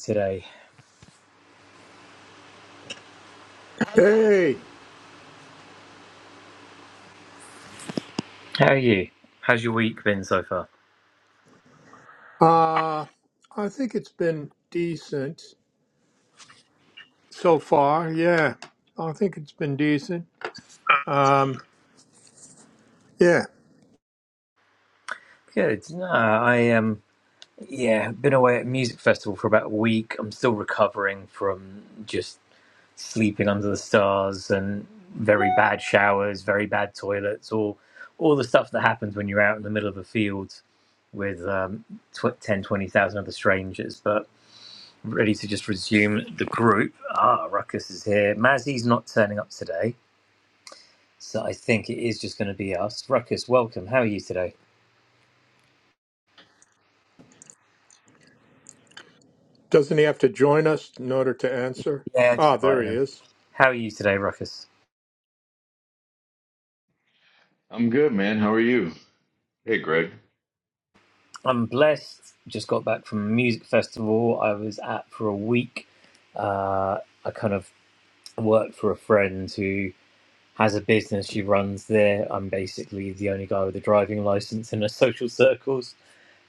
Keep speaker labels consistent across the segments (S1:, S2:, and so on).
S1: today.
S2: Hey,
S1: How are you? How's your week been so far?
S2: uh, I think it's been decent so far. Yeah, I think it's been decent. Um, yeah,
S1: Good. No, I um yeah, been away at music festival for about a week. I'm still recovering from just sleeping under the stars and very bad showers, very bad toilets, all all the stuff that happens when you're out in the middle of a field with um, tw- 10, twenty thousand other strangers. But ready to just resume the group. Ah, Ruckus is here. Mazzy's not turning up today. So I think it is just going to be us. Ruckus, welcome. How are you today?
S2: doesn't he have to join us in order to answer?
S1: Yeah, just
S2: Ah, there
S1: inviting
S2: he
S1: him.
S2: is.
S1: How are you today, Ruckus?
S3: I'm good, man. How are you? Hey, Greg.
S1: I'm blessed. Just got back from a music festival I was at for a week. Uh, I kind of worked for a friend who has a business she runs there. I'm basically the only guy with a driving license in her social circles.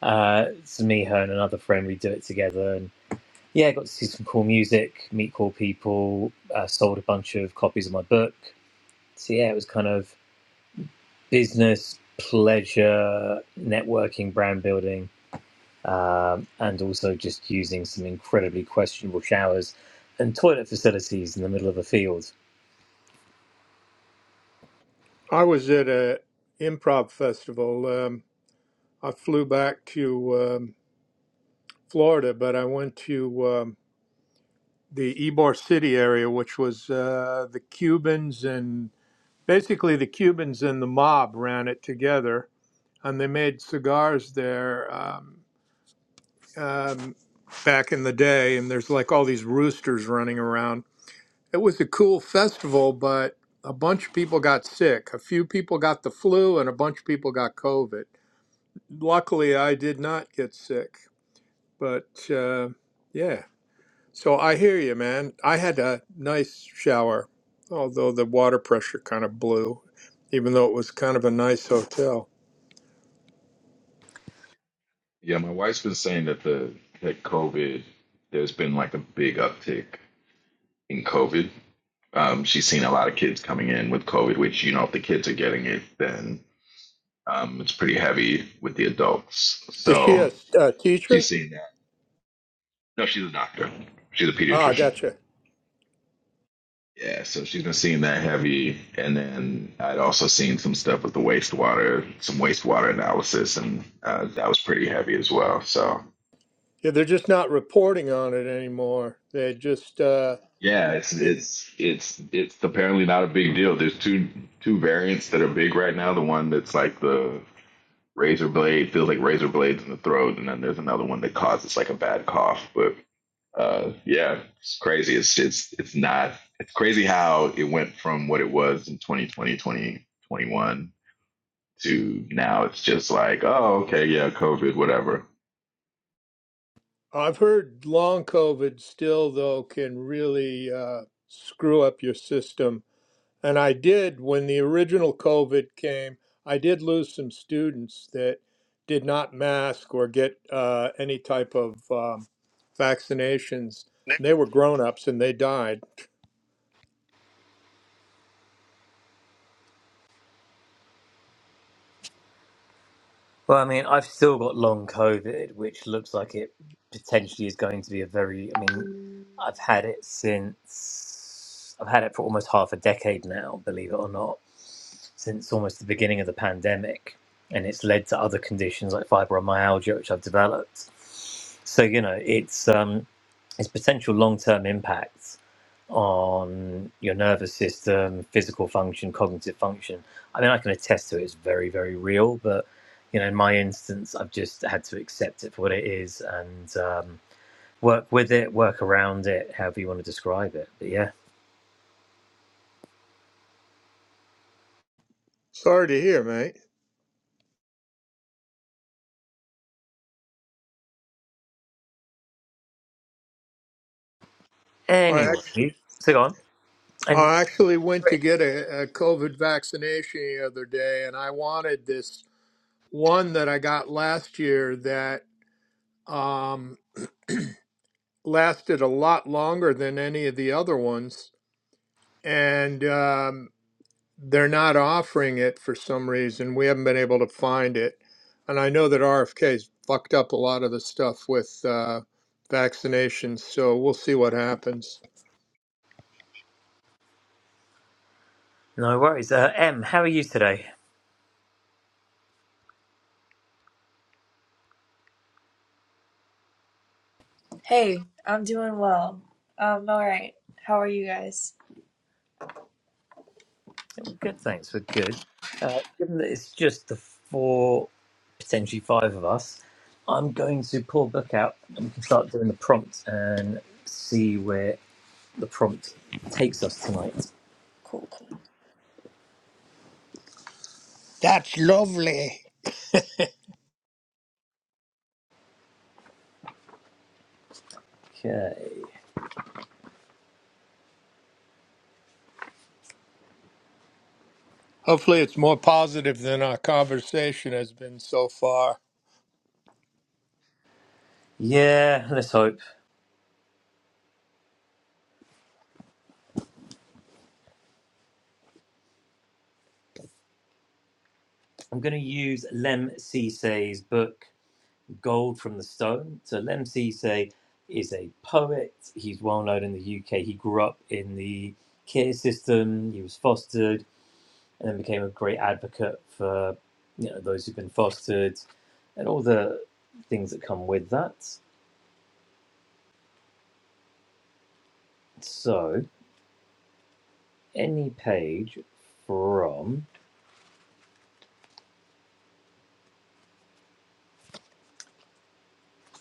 S1: Uh, it's me, her, and another friend. We do it together. And yeah, I got to see some cool music, meet cool people, uh, sold a bunch of copies of my book. So yeah, it was kind of business, pleasure, networking, brand building, um, and also just using some incredibly questionable showers and toilet facilities in the middle of a field.
S2: I was at a improv festival. Um, I flew back to um, Florida, but I went to um, the Ybor City area, which was uh, the Cubans and basically the Cubans and the mob ran it together and they made cigars there um, um, back in the day. And there's like all these roosters running around. It was a cool festival, but a bunch of people got sick. A few people got the flu, and a bunch of people got COVID. Luckily, I did not get sick, but uh, yeah. So I hear you, man. I had a nice shower, although the water pressure kind of blew, even though it was kind of a nice hotel.
S3: Yeah, my wife's been saying that the that COVID, there's been like a big uptick in COVID. Um, she's seen a lot of kids coming in with COVID, which you know, if the kids are getting it, then um, it's pretty heavy with the adults.
S2: Is she
S3: So
S2: a, a
S3: she's
S2: teacher?
S3: seen that. No, she's a doctor. She's a
S2: Ah,
S3: pediatrician.
S2: gotcha.
S3: Yeah, so she's been seeing that heavy, and then I'd also seen some stuff with the wastewater, some wastewater analysis, and uh, that was pretty heavy as well. So
S2: Yeah, they're just not reporting on it anymore. They just, uh,
S3: Yeah, it's
S2: it,
S3: it's it's it's apparently not a big deal. There's two two variants that are big right now. The one that's like the razor blade feels like razor blades in the throat, and then there's another one that causes like a bad cough. But uh, yeah, it's crazy. It's it's it's not. It's crazy how it went from what it was in 2020, 2021 to now. It's just like, oh, okay, yeah, COVID, whatever.
S2: I've heard long COVID still, though, can really uh, screw up your system. And I did, when the original COVID came, I did lose some students that did not mask or get uh, any type of um, vaccinations. They were grown ups and they died.
S1: Well, I mean, I've still got long COVID, which looks like it potentially is going to be a very. I mean, I've had it since. I've had it for almost half a decade now, believe it or not, since almost the beginning of the pandemic. And it's led to other conditions like fibromyalgia, which I've developed. So, you know, it's um, its potential long term impacts on your nervous system, physical function, cognitive function. I mean, I can attest to it. It's very, very real. But you know, in my instance, I've just had to accept it for what it is and um, work with it, work around it, however you want to describe it. But yeah.
S2: Sorry to hear, mate. I
S1: Anyway, so go on. And
S2: I actually went to get a, a COVID vaccination the other day, and I wanted this one that I got last year that um, lasted a lot longer than any of the other ones. And um, they're not offering it for some reason. We haven't been able to find it. And I know that RFK's fucked up a lot of the stuff with uh, vaccinations, so we'll see what happens.
S1: no worries. Uh, M, how are you today?
S4: Hey, I'm doing well. Um, all right. How are you guys?
S1: Yeah, we're Good, thanks. We're good. Uh, given that it's just the four, potentially five of us, I'm going to pull a book out and we can start doing the prompt and see where the prompt takes us tonight.
S4: Cool.
S2: That's lovely.
S1: Okay.
S2: Hopefully, it's more positive than our conversation has been so far.
S1: Yeah, let's hope. I'm going to use Lem Sisay's book, Gold from the Stone. So, Lem Sisay is a poet. He's well known in the UK. He grew up in the care system, he was fostered and then became a great advocate for you know those who've been fostered and all the things that come with that. So any page from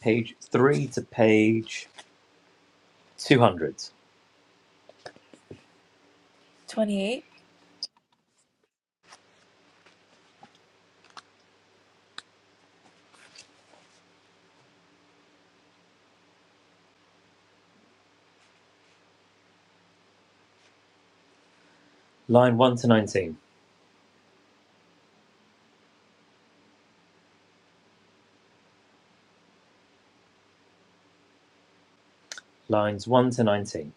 S1: page three to page two hundred,
S4: 28.
S1: line one to nineteen, lines one to nineteen.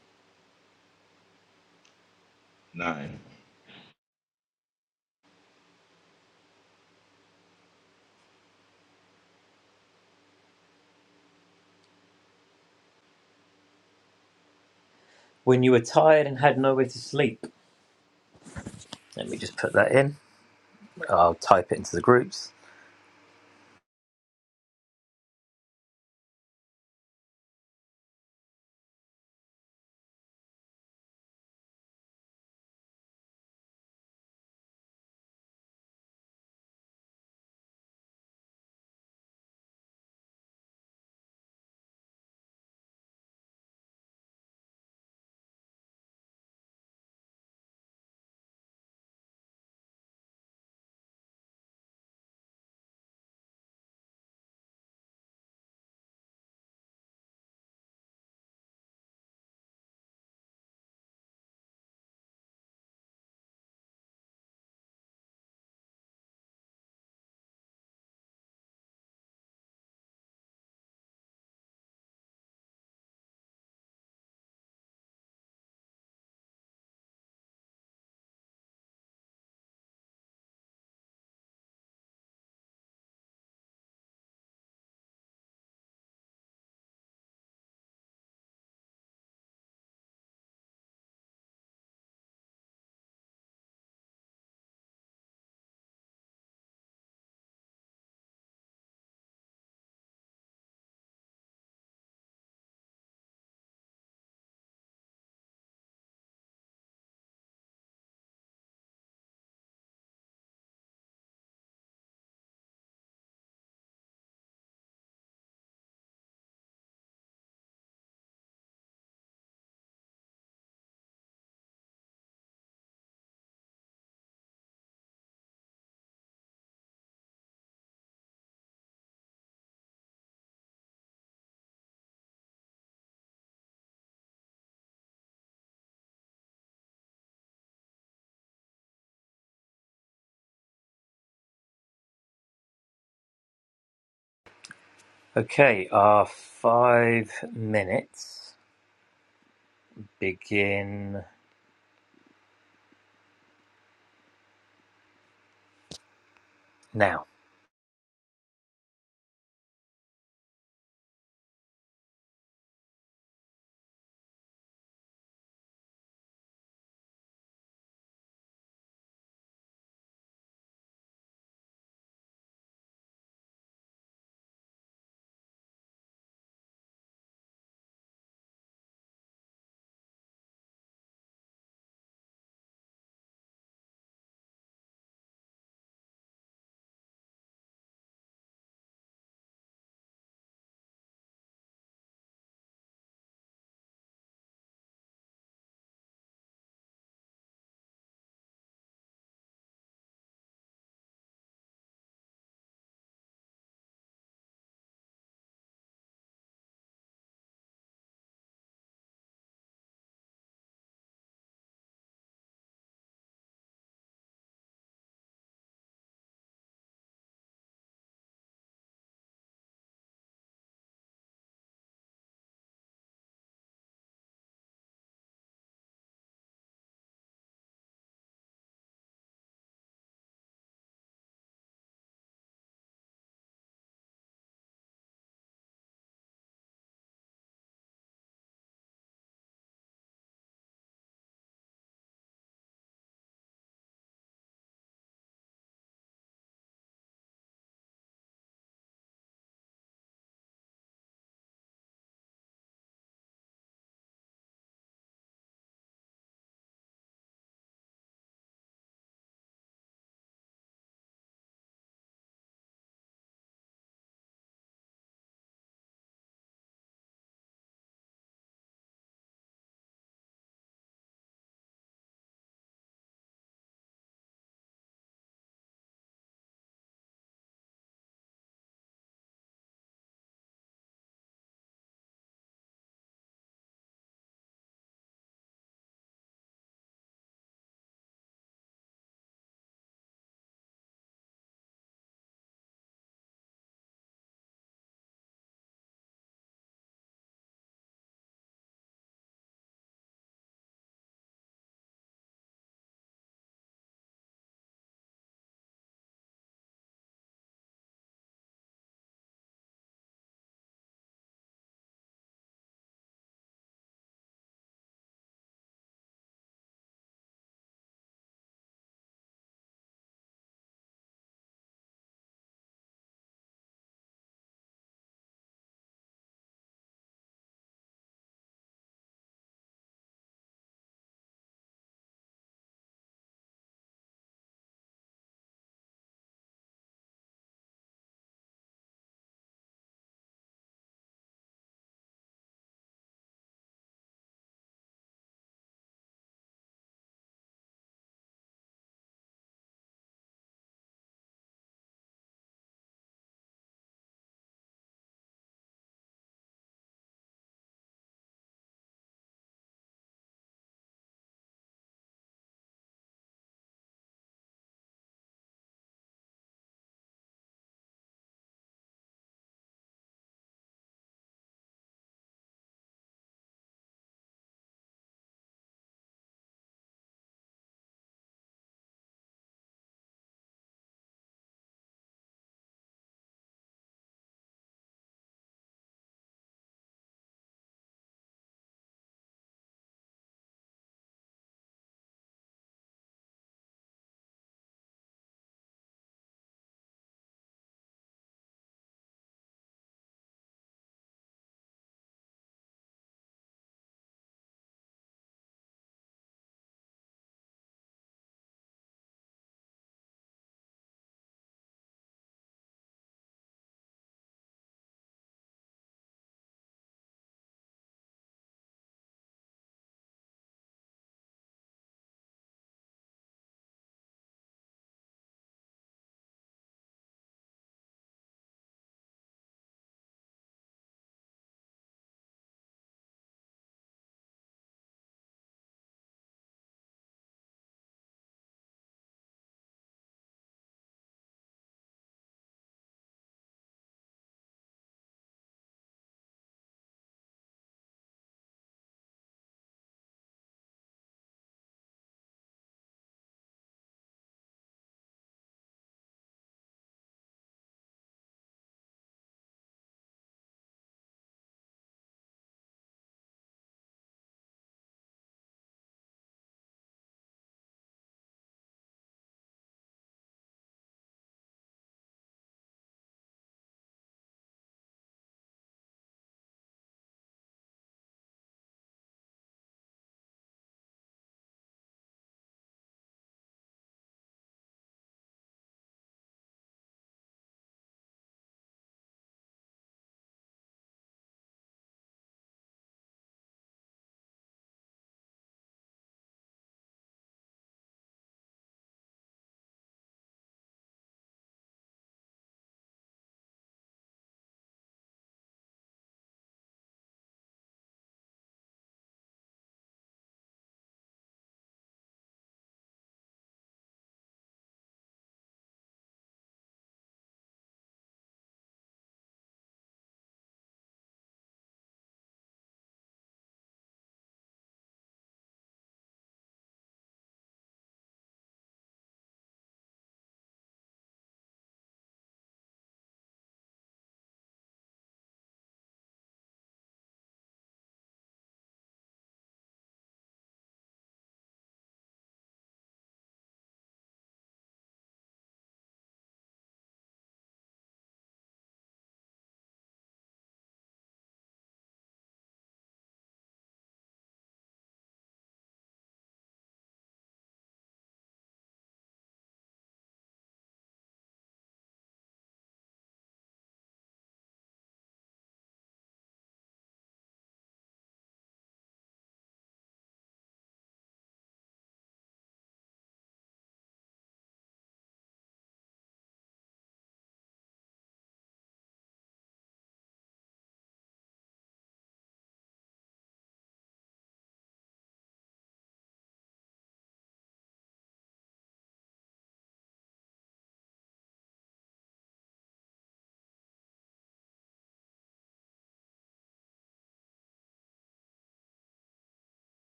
S3: Nine.
S1: When you were tired and had nowhere to sleep. Let me just put that in. I'll type it into the groups. Okay, our five minutes begin now.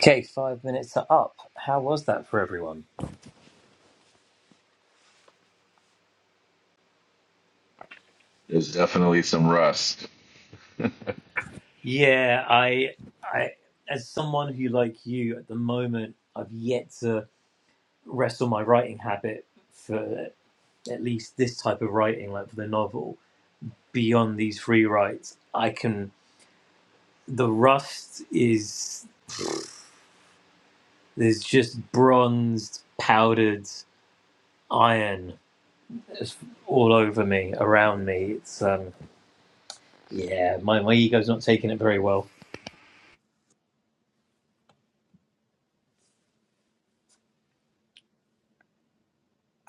S1: Okay, five minutes are up. How was that for everyone?
S3: There's definitely some rust.
S1: Yeah, I, I, as someone who, like you, at the moment, I've yet to wrestle my writing habit for at least this type of writing, like for the novel. Beyond these free writes, I can. The rust is there's just bronzed, powdered iron just all over me, around me. It's um, yeah, my my ego's not taking it very well.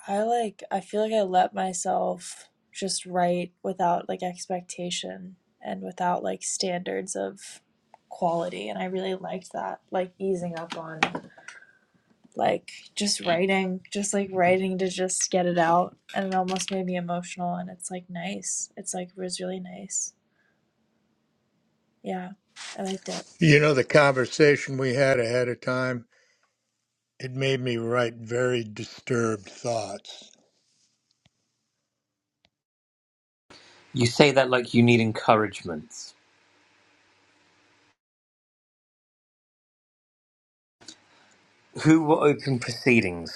S4: I like I feel like I let myself just write without like expectation and without like standards of quality and I really liked that. Like easing up on like just writing, just like writing to just get it out and it almost made me emotional and it's like nice. It's like it was really nice. Yeah. I liked it.
S2: You know, the conversation we had ahead of time, it made me write very disturbed thoughts.
S1: You say that like you need encouragement. Who will open proceedings?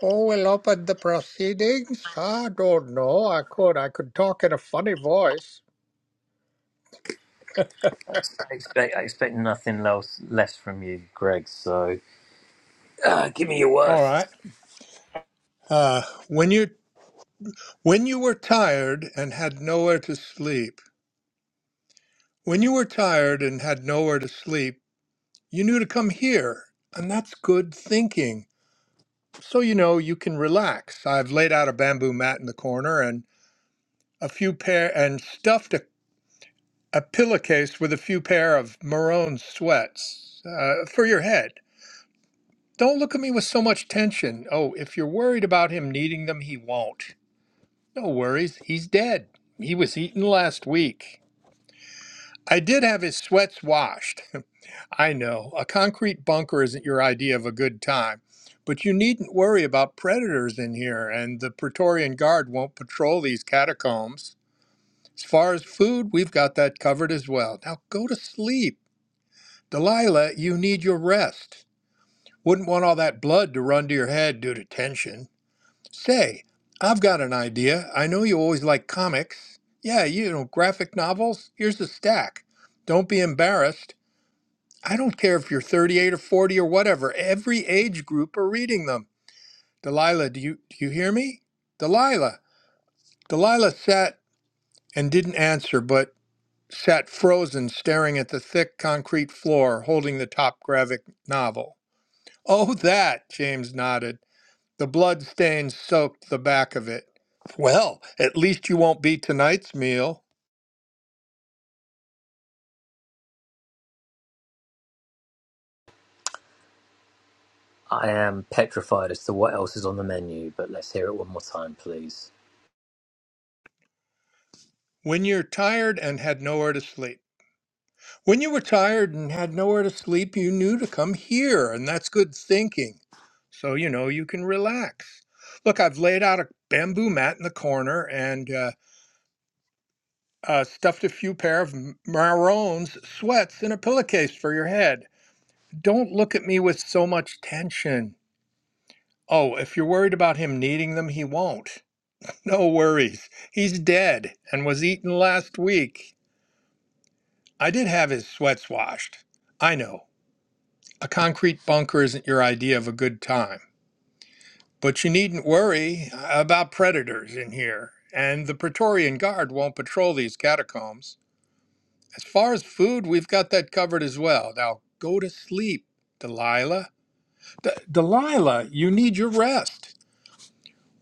S2: Oh, we'll open the proceedings. I don't know. I could. I could talk in a funny voice.
S1: I expect, I expect nothing else less from you, Greg. So uh, give me your
S2: All
S1: worst.
S2: right. Uh, when you when you were tired and had nowhere to sleep, when you were tired and had nowhere to sleep, you knew to come here, and that's good thinking. so you know you can relax. I've laid out a bamboo mat in the corner and a few pair and stuffed a, a pillowcase with a few pair of maroon sweats uh, for your head. Don't look at me with so much tension. Oh, if you're worried about him needing them, he won't. No worries, he's dead. He was eaten last week. I did have his sweats washed. I know, a concrete bunker isn't your idea of a good time, but you needn't worry about predators in here, and the Praetorian Guard won't patrol these catacombs. As far as food, we've got that covered as well. Now go to sleep. Delilah, you need your rest. Wouldn't want all that blood to run to your head due to tension. Say, I've got an idea. I know you always like comics. Yeah, you know, graphic novels. Here's a stack. Don't be embarrassed. I don't care if you're 38 or 40 or whatever. Every age group are reading them. Delilah, do you do you hear me? Delilah. Delilah sat and didn't answer, but sat frozen, staring at the thick concrete floor, holding the top graphic novel. Oh, that, James nodded. The blood stains soaked the back of it. Well, at least you won't be tonight's meal.
S1: I am petrified as to what else is on the menu, but let's hear it one more time, please.
S2: When you're tired and had nowhere to sleep. When you were tired and had nowhere to sleep, you knew to come here, and that's good thinking. So, you know, you can relax. Look, I've laid out a bamboo mat in the corner and uh, uh, stuffed a few pair of M- Marron's sweats in a pillowcase for your head. Don't look at me with so much tension. Oh, if you're worried about him needing them, he won't. No worries. He's dead and was eaten last week. I did have his sweats washed. I know. A concrete bunker isn't your idea of a good time, but you needn't worry about predators in here, and the Praetorian Guard won't patrol these catacombs. As far as food, we've got that covered as well. Now go to sleep, Delilah. D- Delilah, you need your rest.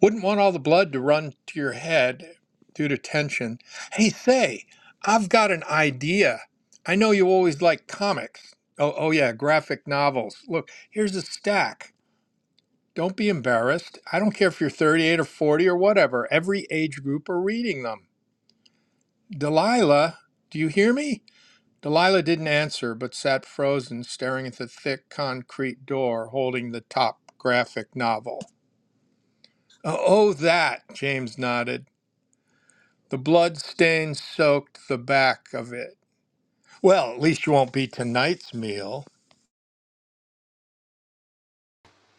S2: Wouldn't want all the blood to run to your head due to tension. Hey, say, I've got an idea. I know you always like comics. Oh, oh yeah, graphic novels. Look, here's a stack. Don't be embarrassed. I don't care if you're 38 or 40 or whatever. Every age group are reading them. Delilah, do you hear me? Delilah didn't answer, but sat frozen, staring at the thick concrete door holding the top graphic novel. Oh, oh, that, James nodded. The blood stain soaked the back of it. Well, at least you won't be tonight's meal.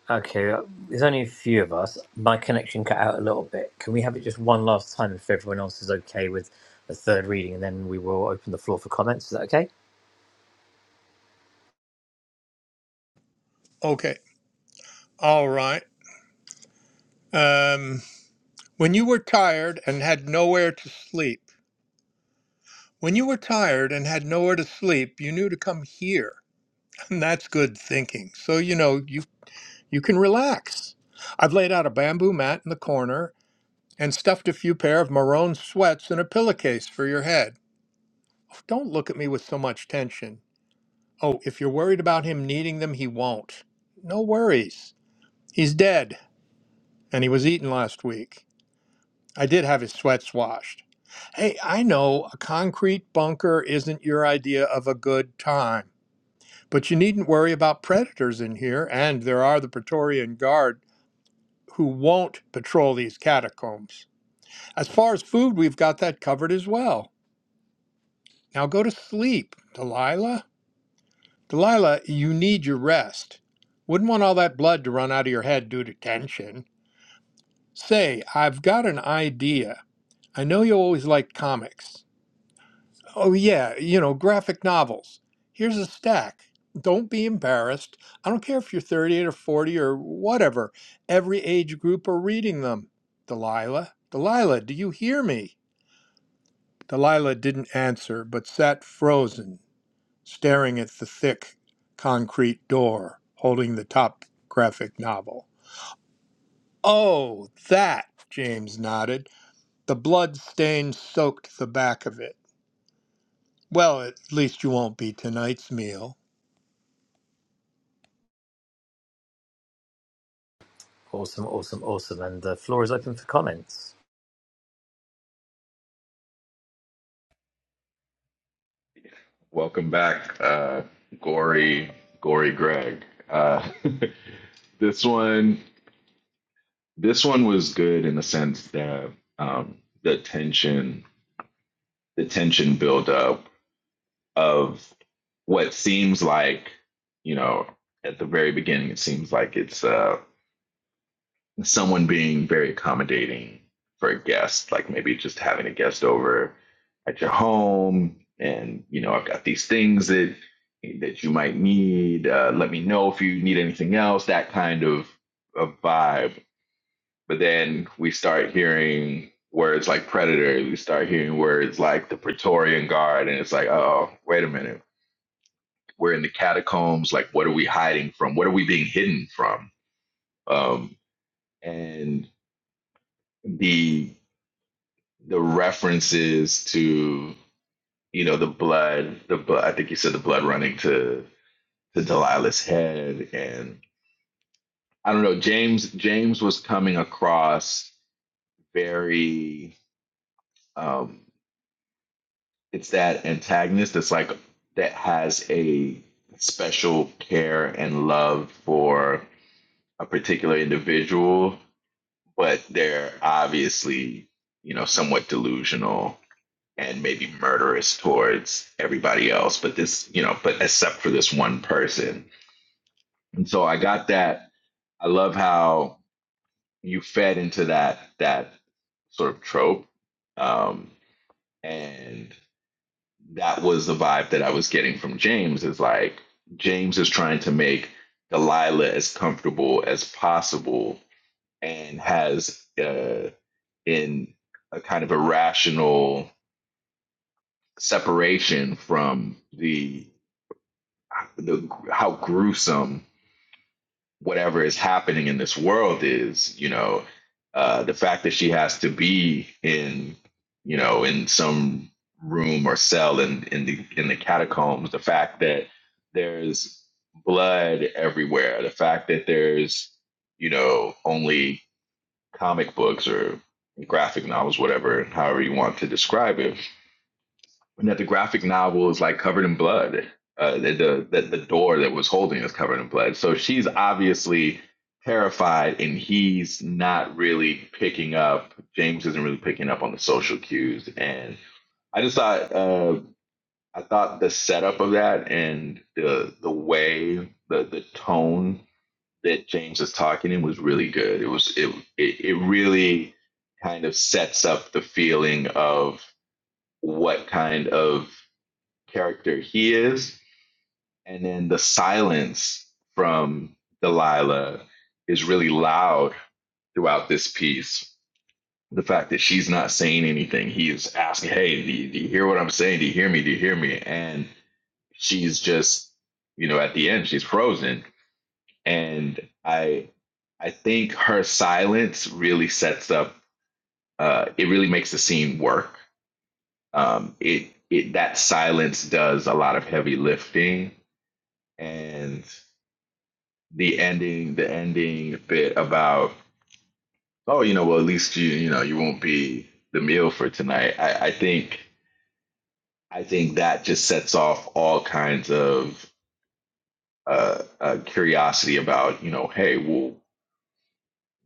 S1: Okay, uh, there's only a few of us. My connection cut out a little bit. Can we have it just one last time if everyone else is okay with the third reading, and then we will open the floor for comments? Is that okay?
S2: Okay, all right. Um, when you were tired and had nowhere to sleep, When you were tired and had nowhere to sleep, you knew to come here. And that's good thinking. So, you know, you, you can relax. I've laid out a bamboo mat in the corner and stuffed a few pair of maroon sweats in a pillowcase for your head. Oh, Don't look at me with so much tension. Oh, if you're worried about him needing them, he won't. No worries. He's dead, and he was eaten last week. I did have his sweats washed. Hey, I know a concrete bunker isn't your idea of a good time. But you needn't worry about predators in here, and there are the Praetorian Guard who won't patrol these catacombs. As far as food, we've got that covered as well. Now go to sleep, Delilah. Delilah, you need your rest. Wouldn't want all that blood to run out of your head due to tension. Say, I've got an idea. I know you always liked comics. Oh, yeah, you know, graphic novels. Here's a stack. Don't be embarrassed. I don't care if you're 38 or 40 or whatever. Every age group are reading them. Delilah, Delilah, do you hear me? Delilah didn't answer, but sat frozen, staring at the thick concrete door holding the top graphic novel. Oh, that, James nodded. The blood stain soaked the back of it. Well, at least you won't be tonight's meal.
S1: Awesome, awesome, awesome. And the floor is open for comments.
S3: Welcome back, uh, Gory, Gory Greg. Uh, this one, this one was good in the sense that um, the tension, the tension buildup of what seems like, you know, at the very beginning, it seems like it's uh, someone being very accommodating for a guest, like maybe just having a guest over at your home, and you know, I've got these things that that you might need. Uh, let me know if you need anything else. That kind of of vibe. But then we start hearing words like predator. We start hearing words like the Praetorian Guard, and it's like, oh, wait a minute. We're in the catacombs. Like, what are we hiding from? What are we being hidden from? Um, and the the references to you know the blood, the blood. I think you said the blood running to to Delilah's head, and I don't know. James James was coming across very. Um, it's that antagonist that's like that has a special care and love for a particular individual, but they're obviously you know somewhat delusional and maybe murderous towards everybody else, but this, you know, but except for this one person. And so I got that. I love how you fed into that that sort of trope. Um, and that was the vibe that I was getting from James is like James is trying to make Delilah as comfortable as possible and has uh, in a kind of irrational separation from the the how gruesome whatever is happening in this world is. You know, uh, the fact that she has to be in you know in some room or cell in in the in the catacombs. The fact that there's blood everywhere. The fact that there's you know only comic books or graphic novels, whatever, however you want to describe it and that the graphic novel is like covered in blood. Uh, the, the that the door that was holding is covered in blood. So she's obviously terrified, and he's not really picking up. James isn't really picking up on the social cues, and I just thought uh, I thought the setup of that and the the way the the tone that James is talking in was really good. It was it it, it really kind of sets up the feeling of what kind of character he is. And then the silence from Delilah is really loud throughout this piece. The fact that she's not saying anything, he is asking, Hey, do you, do you hear what I'm saying? Do you hear me? Do you hear me? And she's just, you know, at the end, she's frozen. And I, I think her silence really sets up. Uh, it really makes the scene work. Um, it it that silence does a lot of heavy lifting, and the ending the ending bit about oh you know well at least you you know you won't be the meal for tonight i i think i think that just sets off all kinds of uh, uh curiosity about you know hey well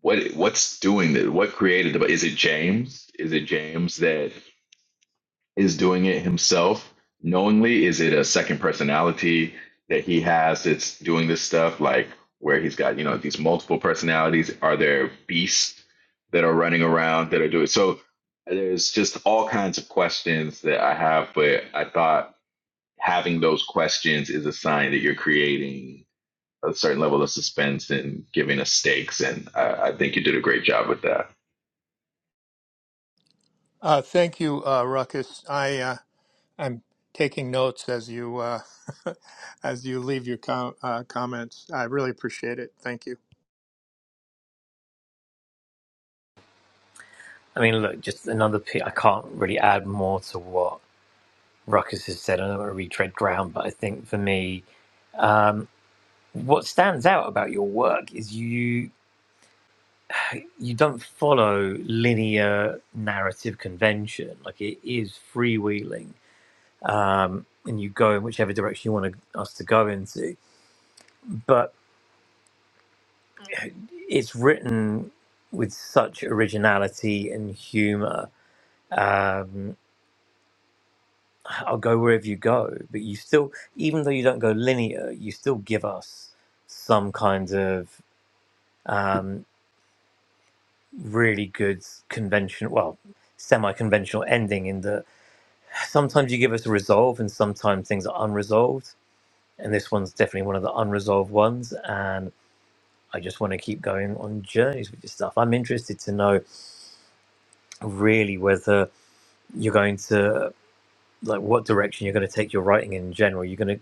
S3: what what's doing that what created the is it james is it james that is doing it himself knowingly? Is it a second personality that he has that's doing this stuff? Like where he's got, you know, these multiple personalities? Are there beasts that are running around that are doing so? There's just all kinds of questions that I have, but I thought having those questions is a sign that you're creating a certain level of suspense and giving us stakes. And I, I think you did a great job with that.
S2: Uh, thank you, uh, Ruckus. I uh, I'm taking notes as you uh, as you leave your com- uh, comments. I really appreciate it. Thank you.
S1: I mean, look, just another. P- I can't really add more to what Ruckus has said, I don't want to retread ground, but I think for me, what stands out about your work is you you don't follow linear narrative convention. Like it is freewheeling, um, and you go in whichever direction you want to, us to go into. But it's written with such originality and humor. Um, I'll go wherever you go, but you still, even though you don't go linear, you still give us some kind of. Um, really good conventional, well, semi-conventional ending in that sometimes you give us a resolve and sometimes things are unresolved. And this one's definitely one of the unresolved ones. And I just want to keep going on journeys with this stuff. I'm interested to know really whether you're going to, like, what direction you're going to take your writing in general. You're going to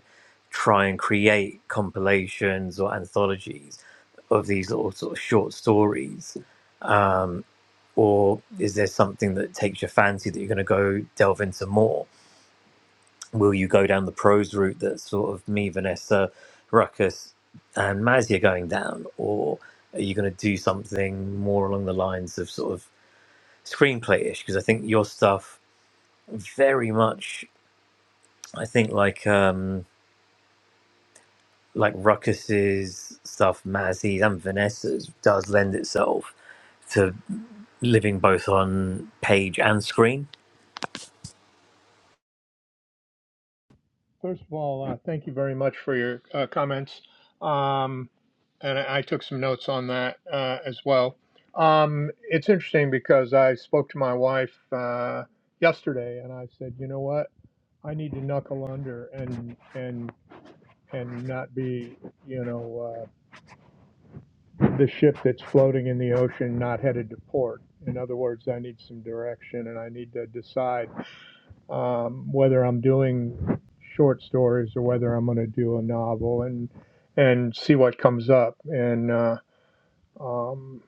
S1: try and create compilations or anthologies of these little sort of short stories or is there something that takes your fancy that you're going to go delve into more? Will you go down the prose route that sort of me, Vanessa, Ruckus, and Mazia going down, or are you going to do something more along the lines of sort of screenplay-ish? Because I think your stuff very much, I think like um, like Ruckus's stuff, Mazzy's and Vanessa's does lend itself to living both on page and screen
S2: First of all, uh, thank you very much for your uh, comments. Um, and I, I took some notes on that uh, as well. Um, it's interesting because I spoke to my wife uh, yesterday, and I said, you know what, I need to knuckle under and and and not be, you know. Uh, the ship that's floating in the ocean not headed to port. In other words, I need some direction and I need to decide um, whether I'm doing short stories or whether I'm going to do a novel and and see what comes up. And uh, um,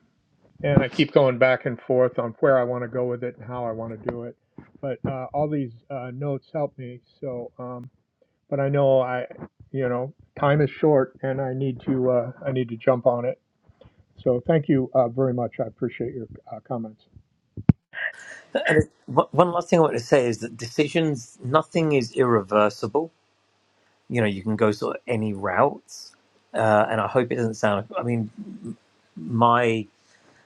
S2: and I keep going back and forth on where I want to go with it and how I want to do it. But uh, all these uh, notes help me. So, um, but I know I, you know, time is short and I need to uh, I need to jump on it. So thank you uh, very much. I appreciate your uh, comments.
S1: And it, one one last thing I want to say is that decisions, nothing is irreversible. You know, you can go sort of any routes. Uh, and I hope it doesn't sound, I mean, my,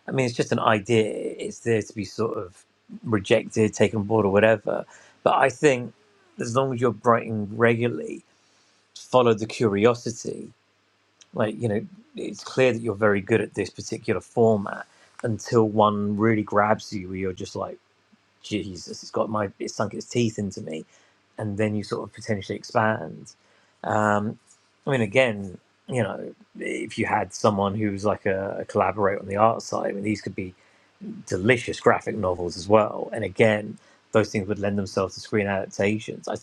S1: I mean, it's just an idea. It's there to be sort of rejected, taken board or whatever. But I think as long as you're writing regularly, follow the curiosity. Like, you know, it's clear that you're very good at this particular format until one really grabs you where you're just like, Jesus, it's got my, its sunk its teeth into me and then you sort of potentially expand. Um, I mean, again, you know, if you had someone who was like a, a collaborator on the art side, I mean, these could be delicious graphic novels as well. And again, those things would lend themselves to screen adaptations. I,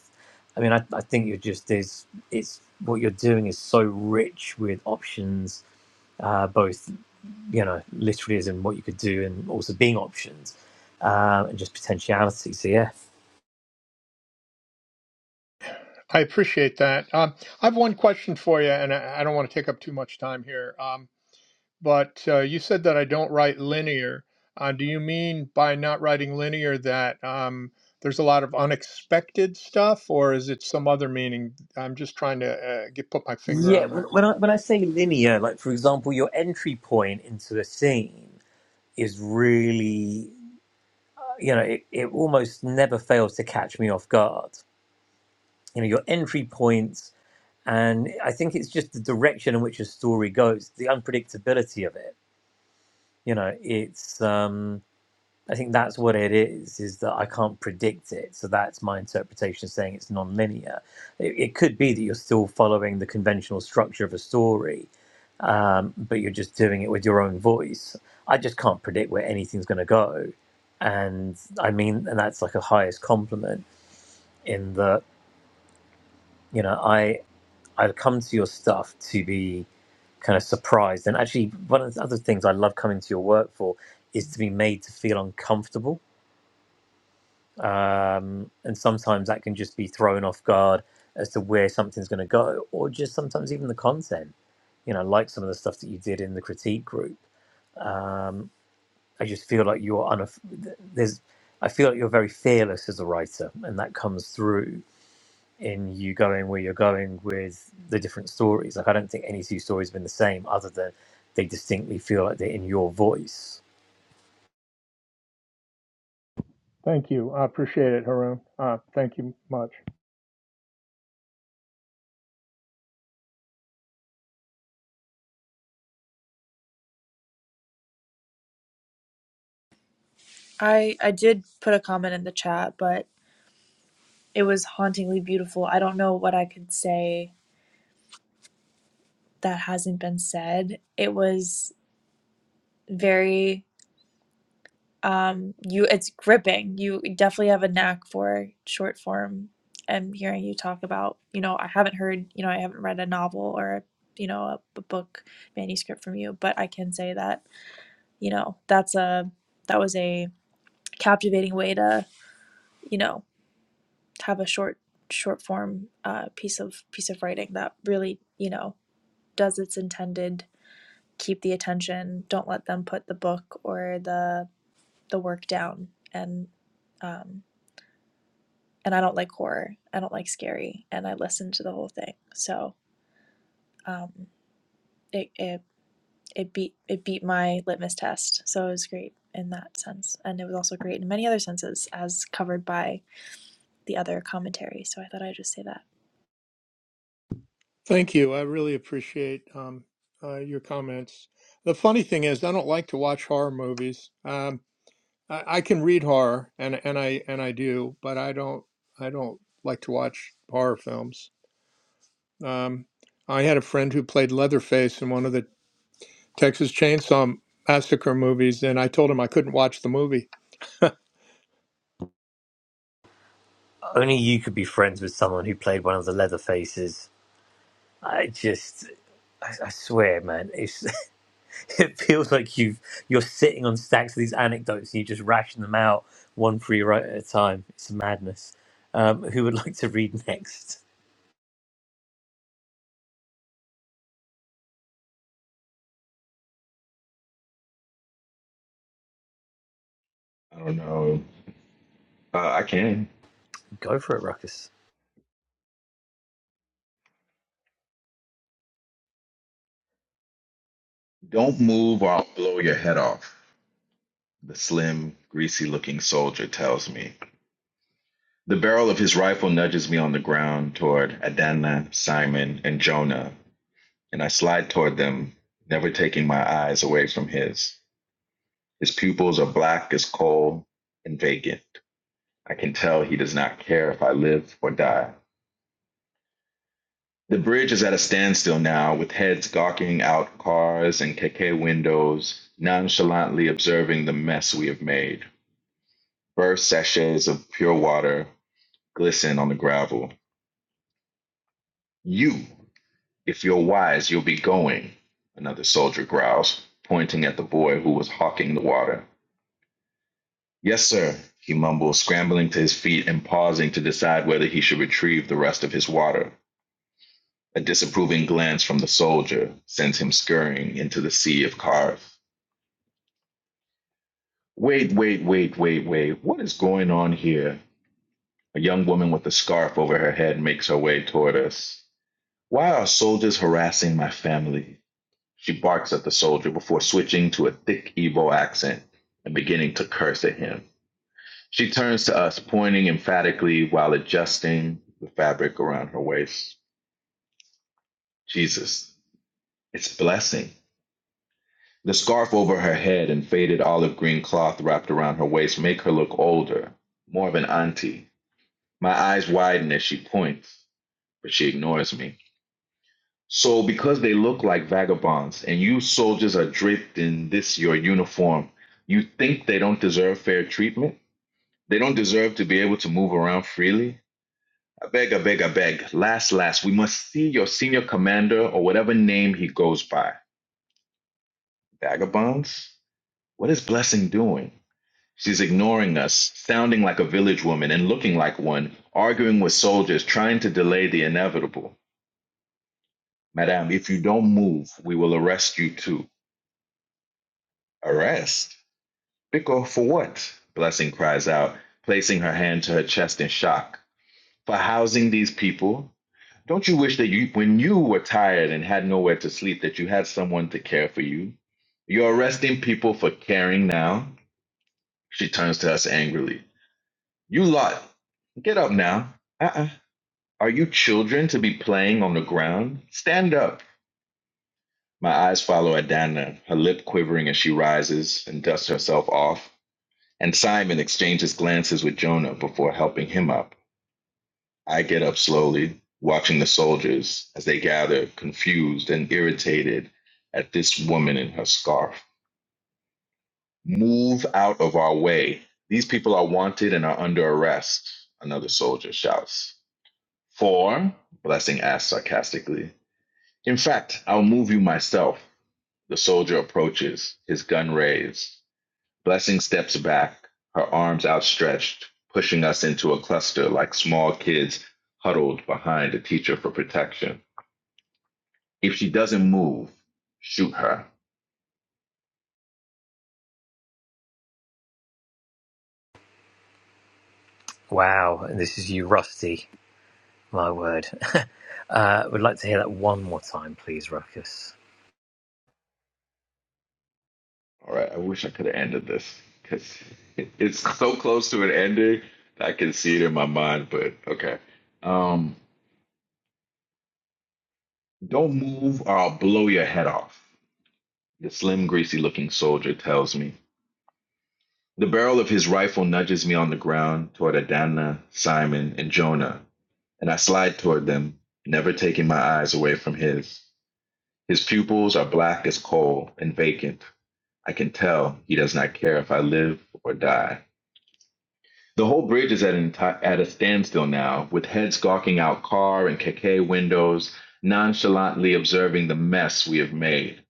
S1: I mean, I, I think you're just there's it's what you're doing is so rich with options, uh, both you know, literally as in what you could do, and also being options uh, and just potentiality. So yeah.
S2: I appreciate that. Um, I have one question for you, and I, I don't want to take up too much time here. Um, but uh, you said that I don't write linear. Uh, do you mean by not writing linear that um, there's a lot of unexpected stuff, or is it some other meaning? I'm just trying to uh, get put my finger
S1: Yeah,
S2: on
S1: when,
S2: that.
S1: when I when I say linear, like for example, your entry point into a scene is really, you know, it, it almost never fails to catch me off guard. You know, your entry points, and I think it's just the direction in which a story goes, the unpredictability of it. You know, it's um, I think that's what it is, is that I can't predict it. So that's my interpretation, saying it's non-linear. It, it could be that you're still following the conventional structure of a story um, but you're just doing it with your own voice. I just can't predict where anything's going to go, and I mean, and that's like a highest compliment in that you know I I come to your stuff to be kind of surprised, and actually one of the other things I love coming to your work for is to be made to feel uncomfortable, um, and sometimes that can just be thrown off guard as to where something's going to go, or just sometimes even the content. You know, like some of the stuff that you did in the critique group Um, I just feel like you're unaf- there's I feel like you're very fearless as a writer, and that comes through in you going where you're going with the different stories. Like I don't think any two stories have been the same, other than they distinctly feel like they're in your voice.
S2: Thank you. I appreciate it, Haroon. Uh, thank you much.
S4: I I did put a comment in the chat, but It was hauntingly beautiful. I don't know what I could say that hasn't been said. It was very um you it's gripping. You definitely have a knack for short form and hearing you talk about, you know, I haven't heard, you know, I haven't read a novel or you know, a, a book manuscript from you, but I can say that, you know, that's a that was a captivating way to, you know, have a short short form uh, piece of piece of writing that really, you know, does its intended, keep the attention, don't let them put the book or the the work down. And um, and I don't like horror. I don't like scary, and I listened to the whole thing. So um, it it it beat it beat my litmus test. So it was great in that sense, and it was also great in many other senses, as covered by the other commentary. So I thought I'd just say that.
S2: Thank you. I really appreciate um, uh, your comments. The funny thing is, I don't like to watch horror movies. Um, I, I can read horror, and and I and I do, but I don't I don't like to watch horror films. Um, I had a friend who played Leatherface in one of the Texas Chainsaw Massacre movies, and I told him I couldn't watch the movie.
S1: Only you could be friends with someone who played one of the leather faces. I just I, I swear, man, it's. it feels like you've you're sitting on stacks of these anecdotes and you just ration them out one for you right at a time. It's madness. Um, who would like to read next?
S3: I don't know. Uh, I can.
S1: Go for it, Ruckus.
S3: Don't move or I'll blow your head off. The slim, greasy looking soldier tells me. The barrel of his rifle nudges me on the ground toward Adana, Simon, and Jonah, and I slide toward them, never taking my eyes away from his. His pupils are black as coal and vacant. I can tell he does not care if I live or die. The bridge is at a standstill now, with heads gawking out cars and keke windows, nonchalantly observing the mess we have made. Burst sachets of pure water, glisten on the gravel. You, if you're wise, you'll be going, another soldier growls, pointing at the boy who was hawking the water. Yes, sir, he mumbles, scrambling to his feet and pausing to decide whether he should retrieve the rest of his water. A disapproving glance from the soldier sends him scurrying into the sea of carve. Wait, wait, wait, wait, wait. What is going on here? A young woman with a scarf over her head makes her way toward us. Why are soldiers harassing my family? She barks at the soldier before switching to a thick Igbo accent and beginning to curse at him. She turns to us, pointing emphatically while adjusting the fabric around her waist. Jesus, it's a blessing. The scarf over her head and faded olive green cloth wrapped around her waist make her look older, more of an auntie. My eyes widen as she points, but she ignores me. So because they look like vagabonds and you soldiers are draped in this your uniform, you think they don't deserve fair treatment? They don't deserve to be able to move around freely? I beg, I beg, I beg. Last, last, we must see your senior commander or whatever name he goes by. Vagabonds? What is Blessing doing? She's ignoring us, sounding like a village woman and looking like one, arguing with soldiers, trying to delay the inevitable. Madame, if you don't move, we will arrest you too. Arrest? Pickle for what? Blessing cries out, placing her hand to her chest in shock. For housing these people? Don't you wish that you, when you were tired and had nowhere to sleep, that you had someone to care for you? You're arresting people for caring now? She turns to us angrily. You lot, get up now. Uh-uh. Are you children to be playing on the ground? Stand up. My eyes follow Adana, her lip quivering as she rises and dusts herself off. And Simon exchanges glances with Jonah before helping him up. I get up slowly, watching the soldiers as they gather, confused and irritated at this woman in her scarf. Move out of our way. These people are wanted and are under arrest, another soldier shouts. For, Blessing asks sarcastically. In fact, I'll move you myself. The soldier approaches, his gun raised. Blessing steps back, her arms outstretched, pushing us into a cluster like small kids huddled behind a teacher for protection. If she doesn't move, shoot her.
S1: Wow, and this is you, Rusty. My word. uh, would like to hear that one more time, please, Ruckus.
S3: All right, I wish I could have ended this because it's so close to an ending. that I can see it in my mind, but okay. Um, don't move or I'll blow your head off. The slim, greasy looking soldier tells me. The barrel of his rifle nudges me on the ground toward Adana, Simon, and Jonah, and I slide toward them, never taking my eyes away from his. His pupils are black as coal and vacant. I can tell he does not care if I live or die. The whole bridge is at, enti- at a standstill now, with heads gawking out car and keke windows, nonchalantly observing the mess we have made.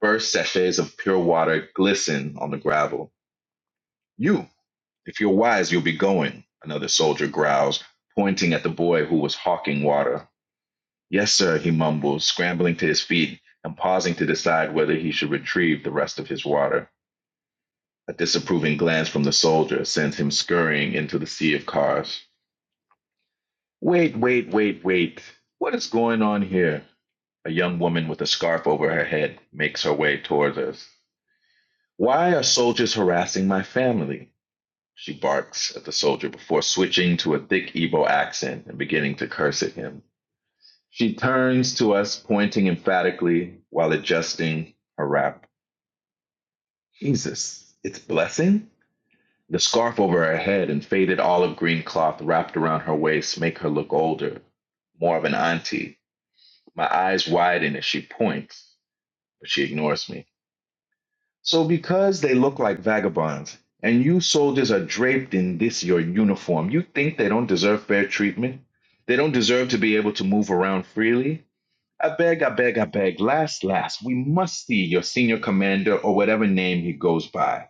S3: Burst sachets of pure water glisten on the gravel. You! If you're wise, you'll be going, another soldier growls, pointing at the boy who was hawking water. Yes, sir, he mumbles, scrambling to his feet and pausing to decide whether he should retrieve the rest of his water. A disapproving glance from the soldier sends him scurrying into the sea of cars. Wait, wait, wait, wait. What is going on here? A young woman with a scarf over her head makes her way towards us. Why are soldiers harassing my family? She barks at the soldier before switching to a thick Igbo accent and beginning to curse at him. She turns to us, pointing emphatically while adjusting her wrap. Jesus, it's blessing? The scarf over her head and faded olive green cloth wrapped around her waist make her look older, more of an auntie. My eyes widen as she points, but she ignores me. So, because they look like vagabonds and you soldiers are draped in this your uniform, you think they don't deserve fair treatment? They don't deserve to be able to move around freely? I beg, I beg, I beg, last, last, we must see your senior commander or whatever name he goes by.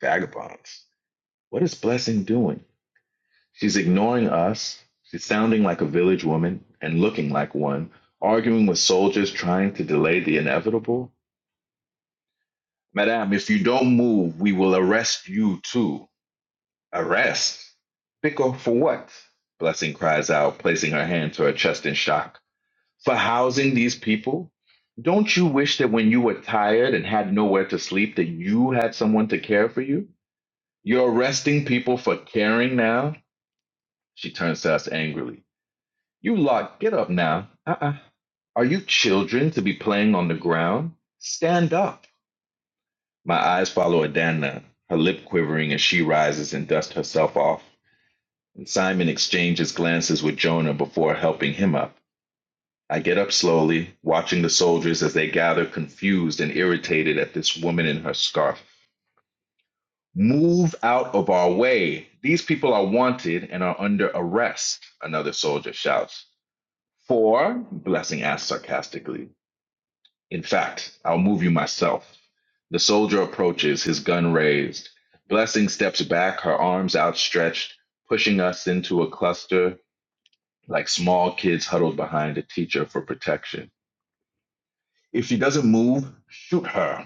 S3: Vagabonds. What is Blessing doing? She's ignoring us. She's sounding like a village woman and looking like one, arguing with soldiers trying to delay the inevitable. Madame, if you don't move, we will arrest you too. Arrest! Biko for what? Blessing cries out, placing her hand to her chest in shock. For housing these people? Don't you wish that when you were tired and had nowhere to sleep that you had someone to care for you? You're arresting people for caring now? She turns to us angrily. You lot, get up now. Uh-uh. Are you children to be playing on the ground? Stand up. My eyes follow Adana, her lip quivering as she rises and dusts herself off. Simon exchanges glances with Jonah before helping him up. I get up slowly, watching the soldiers as they gather, confused and irritated at this woman in her scarf. Move out of our way. These people are wanted and are under arrest, another soldier shouts. For, Blessing asks sarcastically. In fact, I'll move you myself. The soldier approaches, his gun raised. Blessing steps back, her arms outstretched, pushing us into a cluster like small kids huddled behind a teacher for protection. If she doesn't move, shoot her.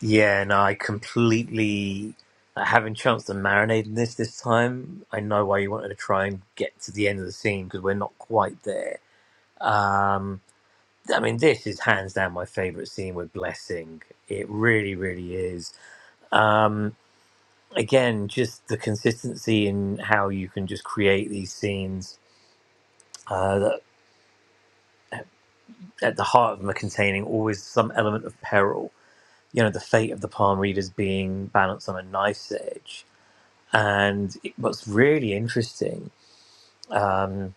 S1: Yeah, and I completely like, having chance to marinate in this this time. I know why you wanted to try and get to the end of the scene because we're not quite there. Um, I mean, this is hands down my favorite scene with Blessing. It really, really is. Um, again, just the consistency in how you can just create these scenes uh, that at the heart of them are containing always some element of peril. You know, the fate of the palm readers being balanced on a knife's edge. And it- what's really interesting um,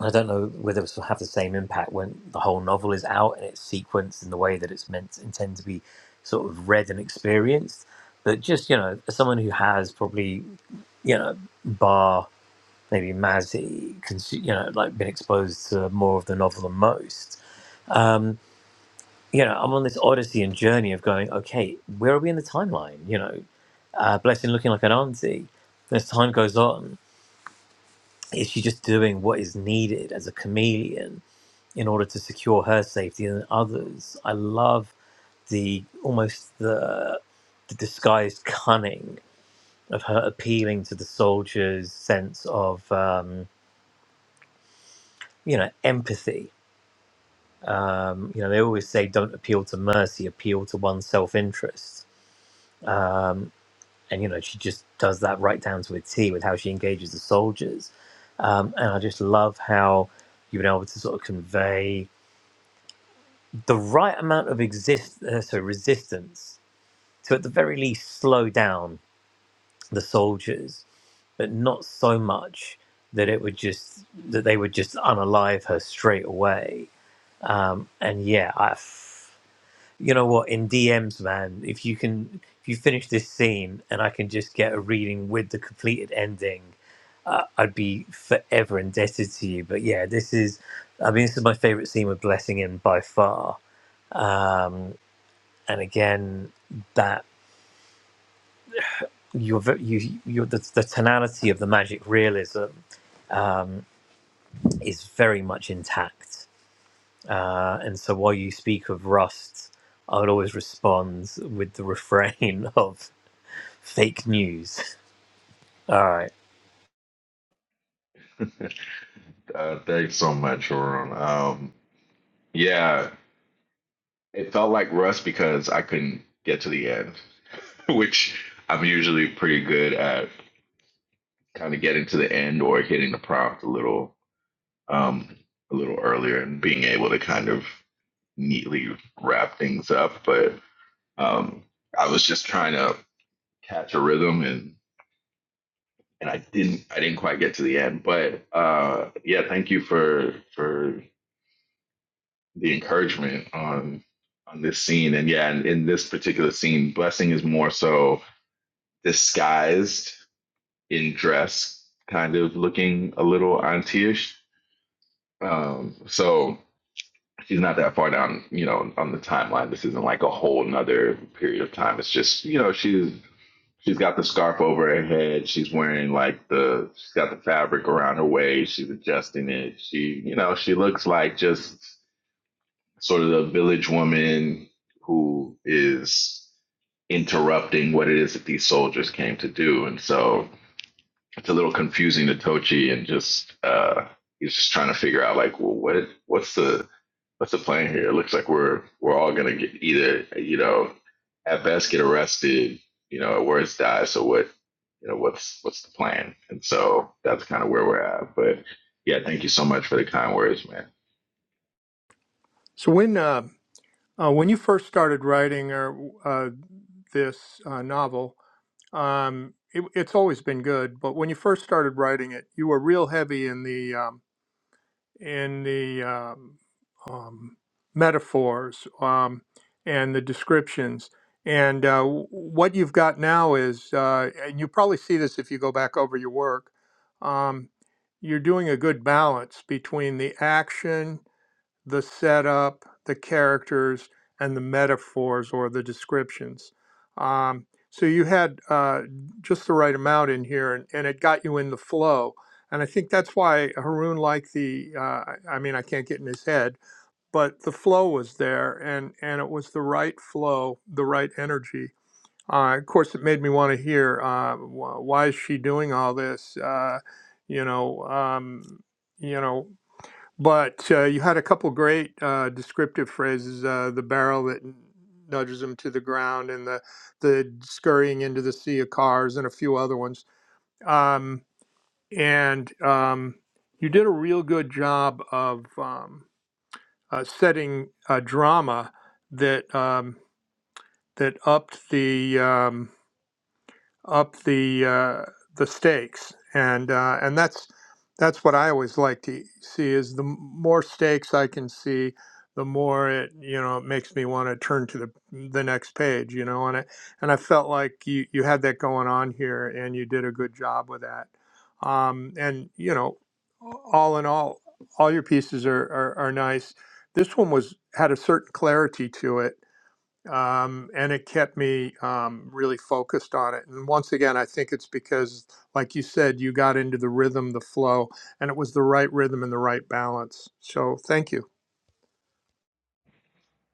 S1: I don't know whether it will have the same impact when the whole novel is out and it's sequenced in the way that it's meant intend to be sort of read and experienced. But just you know, as someone who has probably you know, bar maybe Maz, consu- you know, like been exposed to more of the novel than most. Um, you know, I'm on this odyssey and journey of going, okay, where are we in the timeline? You know, uh, Blessing looking like an auntie. As time goes on, is she just doing what is needed as a chameleon? in order to secure her safety and others. I love the almost the, the disguised cunning of her appealing to the soldiers' sense of um, you know empathy. Um, you know they always say don't appeal to mercy, appeal to one's self-interest. And you know she just does that right down to a T with how she engages the soldiers. Um, and I just love how you've been able to sort of convey the right amount of exist uh, so resistance to at the very least slow down the soldiers, but not so much that it would just that they would just unalive her straight away. Um, and yeah, I, you know what, in DMs, man, if you can, if you finish this scene and I can just get a reading with the completed ending, uh, I'd be forever indebted to you. But yeah, this is, I mean, this is my favorite scene with Blessing in by far. Um, and again, that. your ve- you your the, the tonality of the magic realism is very much intact uh, and so while you speak of rust i would always respond with the refrain of fake news all right
S3: Uh, thanks so much, Ron. Um, yeah, it felt like rust because I couldn't get to the end, which I'm usually pretty good at kind of getting to the end or hitting the prompt a little um, a little earlier and being able to kind of neatly wrap things up. But um, I was just trying to catch a rhythm and. and I didn't I didn't quite get to the end, but uh, yeah, thank you for for the encouragement on on this scene, and yeah, in, in this particular scene, blessing is more so disguised in dress, kind of looking a little auntie-ish. Um, so she's not that far down, you know, on the timeline. This isn't like a whole another period of time. It's just you know she's She's got the scarf over her head. She's wearing like the she's got the fabric around her waist. She's adjusting it. She, you know, she looks like just sort of the village woman who is interrupting what it is that these soldiers came to do. And so it's a little confusing to Tochi and just uh he's just trying to figure out like, well what what's the What's the plan here? It looks like we're we're all gonna get either you know at best get arrested, you know, at worst die. So what you know what's what's the plan? And so that's kind of where we're at. But yeah, thank you so much for the kind words, man.
S2: So when uh, uh, when you first started writing or uh, this uh, novel, Um, it, it's always been good, but when you first started writing it, you were real heavy in the um, in the um, um, metaphors um, and the descriptions. And uh, w- what you've got now is, uh, and you probably see this if you go back over your work, um, you're doing a good balance between the action the setup, the characters, and the metaphors or the descriptions. Um, so you had uh, just the right amount in here, and, and it got you in the flow. And I think that's why Haroon liked the. Uh, I I mean, I can't get in his head, but the flow was there, and and it was the right flow, the right energy. Uh, of course, it made me want to hear uh, wh- why is she doing all this? Uh, you know, um, you know, but uh, you had a couple great uh, descriptive phrases: uh, the barrel that nudges them to the ground, and the the scurrying into the sea of cars, and a few other ones. Um, and um, you did a real good job of um, uh, setting a drama that um, that upped the um, up the uh, the stakes, and uh, and that's that's what I always like to see is the more stakes I can see, the more it you know it makes me want to turn to the the next page, you know, and I and I felt like you you had that going on here, and you did a good job with that, um, and you know, all in all, all your pieces are are, are nice. This one was had a certain clarity to it um, and it kept me um, really focused on it. And once again, I think it's because, like you said, you got into the rhythm, the flow, and it was the right rhythm and the right balance. So thank you.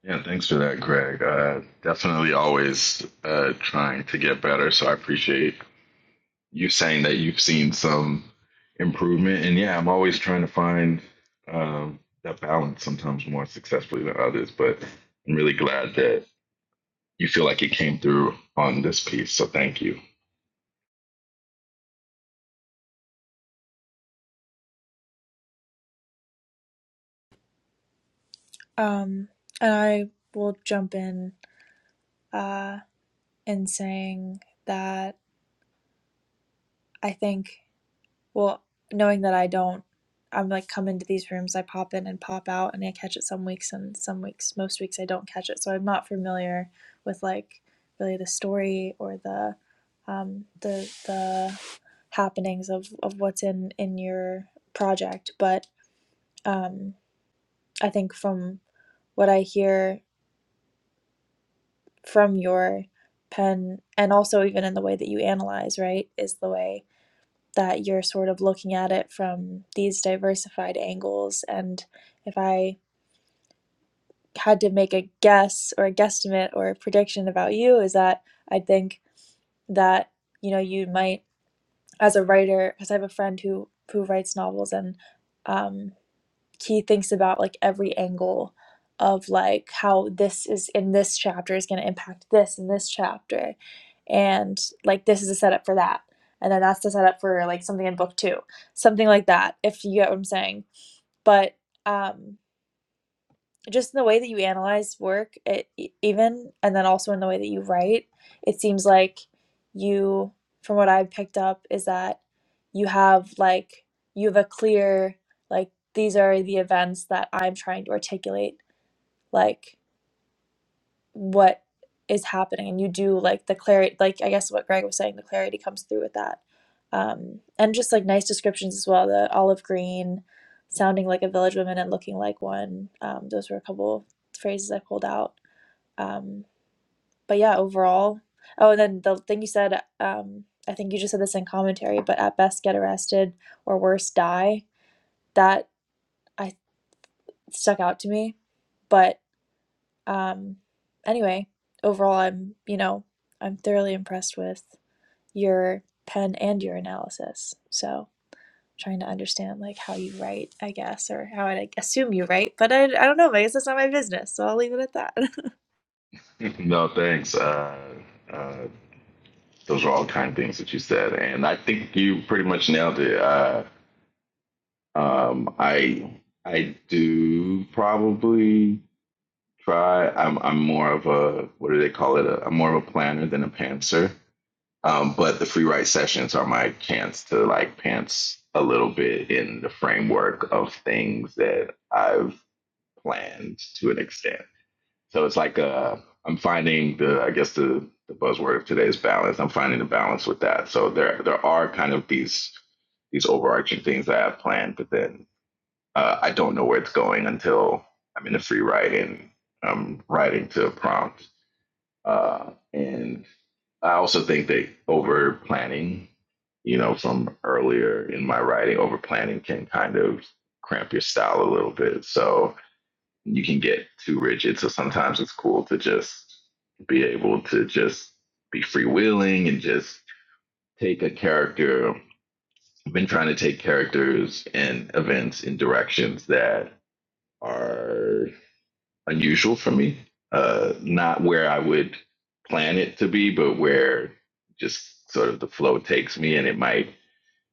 S3: Yeah, thanks for that, Greg. Uh, definitely always uh, trying to get better. So I appreciate you saying that you've seen some improvement. And yeah, I'm always trying to find um, that balance sometimes more successfully than others. But I'm really glad that you feel like it came through on this piece. So thank you.
S4: Um, and I will jump in uh, in saying that I think. Well, knowing that I don't, I'm like come into these rooms, I pop in and pop out, and I catch it some weeks, and some weeks, most weeks I don't catch it. So I'm not familiar with like really the story or the um, the the happenings of of what's in in your project. But um, I think from what I hear from your pen, and also even in the way that you analyze, right, is the way. that you're sort of looking at it from these diversified angles. And if I had to make a guess or a guesstimate or a prediction about you, is that I think that you know you might, as a writer, because I have a friend who who writes novels, and um, he thinks about like every angle of like how this is in this chapter is going to impact this in this chapter and like this is a setup for that and then that's the setup for like something in book two something like that if you get what i'm saying but um just in the way that you analyze work it, e- even and then also in the way that you write it seems like you from what i've picked up is that you have like you have a clear like these are the events that i'm trying to articulate like what is happening and you do like the clarity like i guess what greg was saying the clarity comes through with that um and just like nice descriptions as well the olive green sounding like a village woman and looking like one um those were a couple phrases i pulled out um but yeah overall oh and then the thing you said um i think you just said this in commentary but at best get arrested or worse die that i stuck out to me but Um, anyway, overall, I'm, you know, I'm thoroughly impressed with your pen and your analysis. So trying to understand like how you write, I guess, or how I like, assume you write, but I, I don't know. I guess that's not my business. So I'll leave it at that.
S3: No, thanks. Uh, uh, those are all kind things that you said, and I think you pretty much nailed it. Uh, um, I I do probably try. I'm I'm more of a what do they call it? A am more of a planner than a pantser. Um, but the free write sessions are my chance to like pants a little bit in the framework of things that I've planned to an extent. So it's like uh, I'm finding the I guess the the buzzword of today is balance. I'm finding the balance with that. So there there are kind of these these overarching things that I have planned, but then uh, I don't know where it's going until I'm in a free write and I'm writing to a prompt. Uh, and I also think that over planning, you know, from earlier in my writing, over planning can kind of cramp your style a little bit. So you can get too rigid. So sometimes it's cool to just be able to just be freewheeling and just take a character. I've been trying to take characters and events in directions that are unusual for me. Uh, not where I would plan it to be, but where just sort of the flow takes me, and it might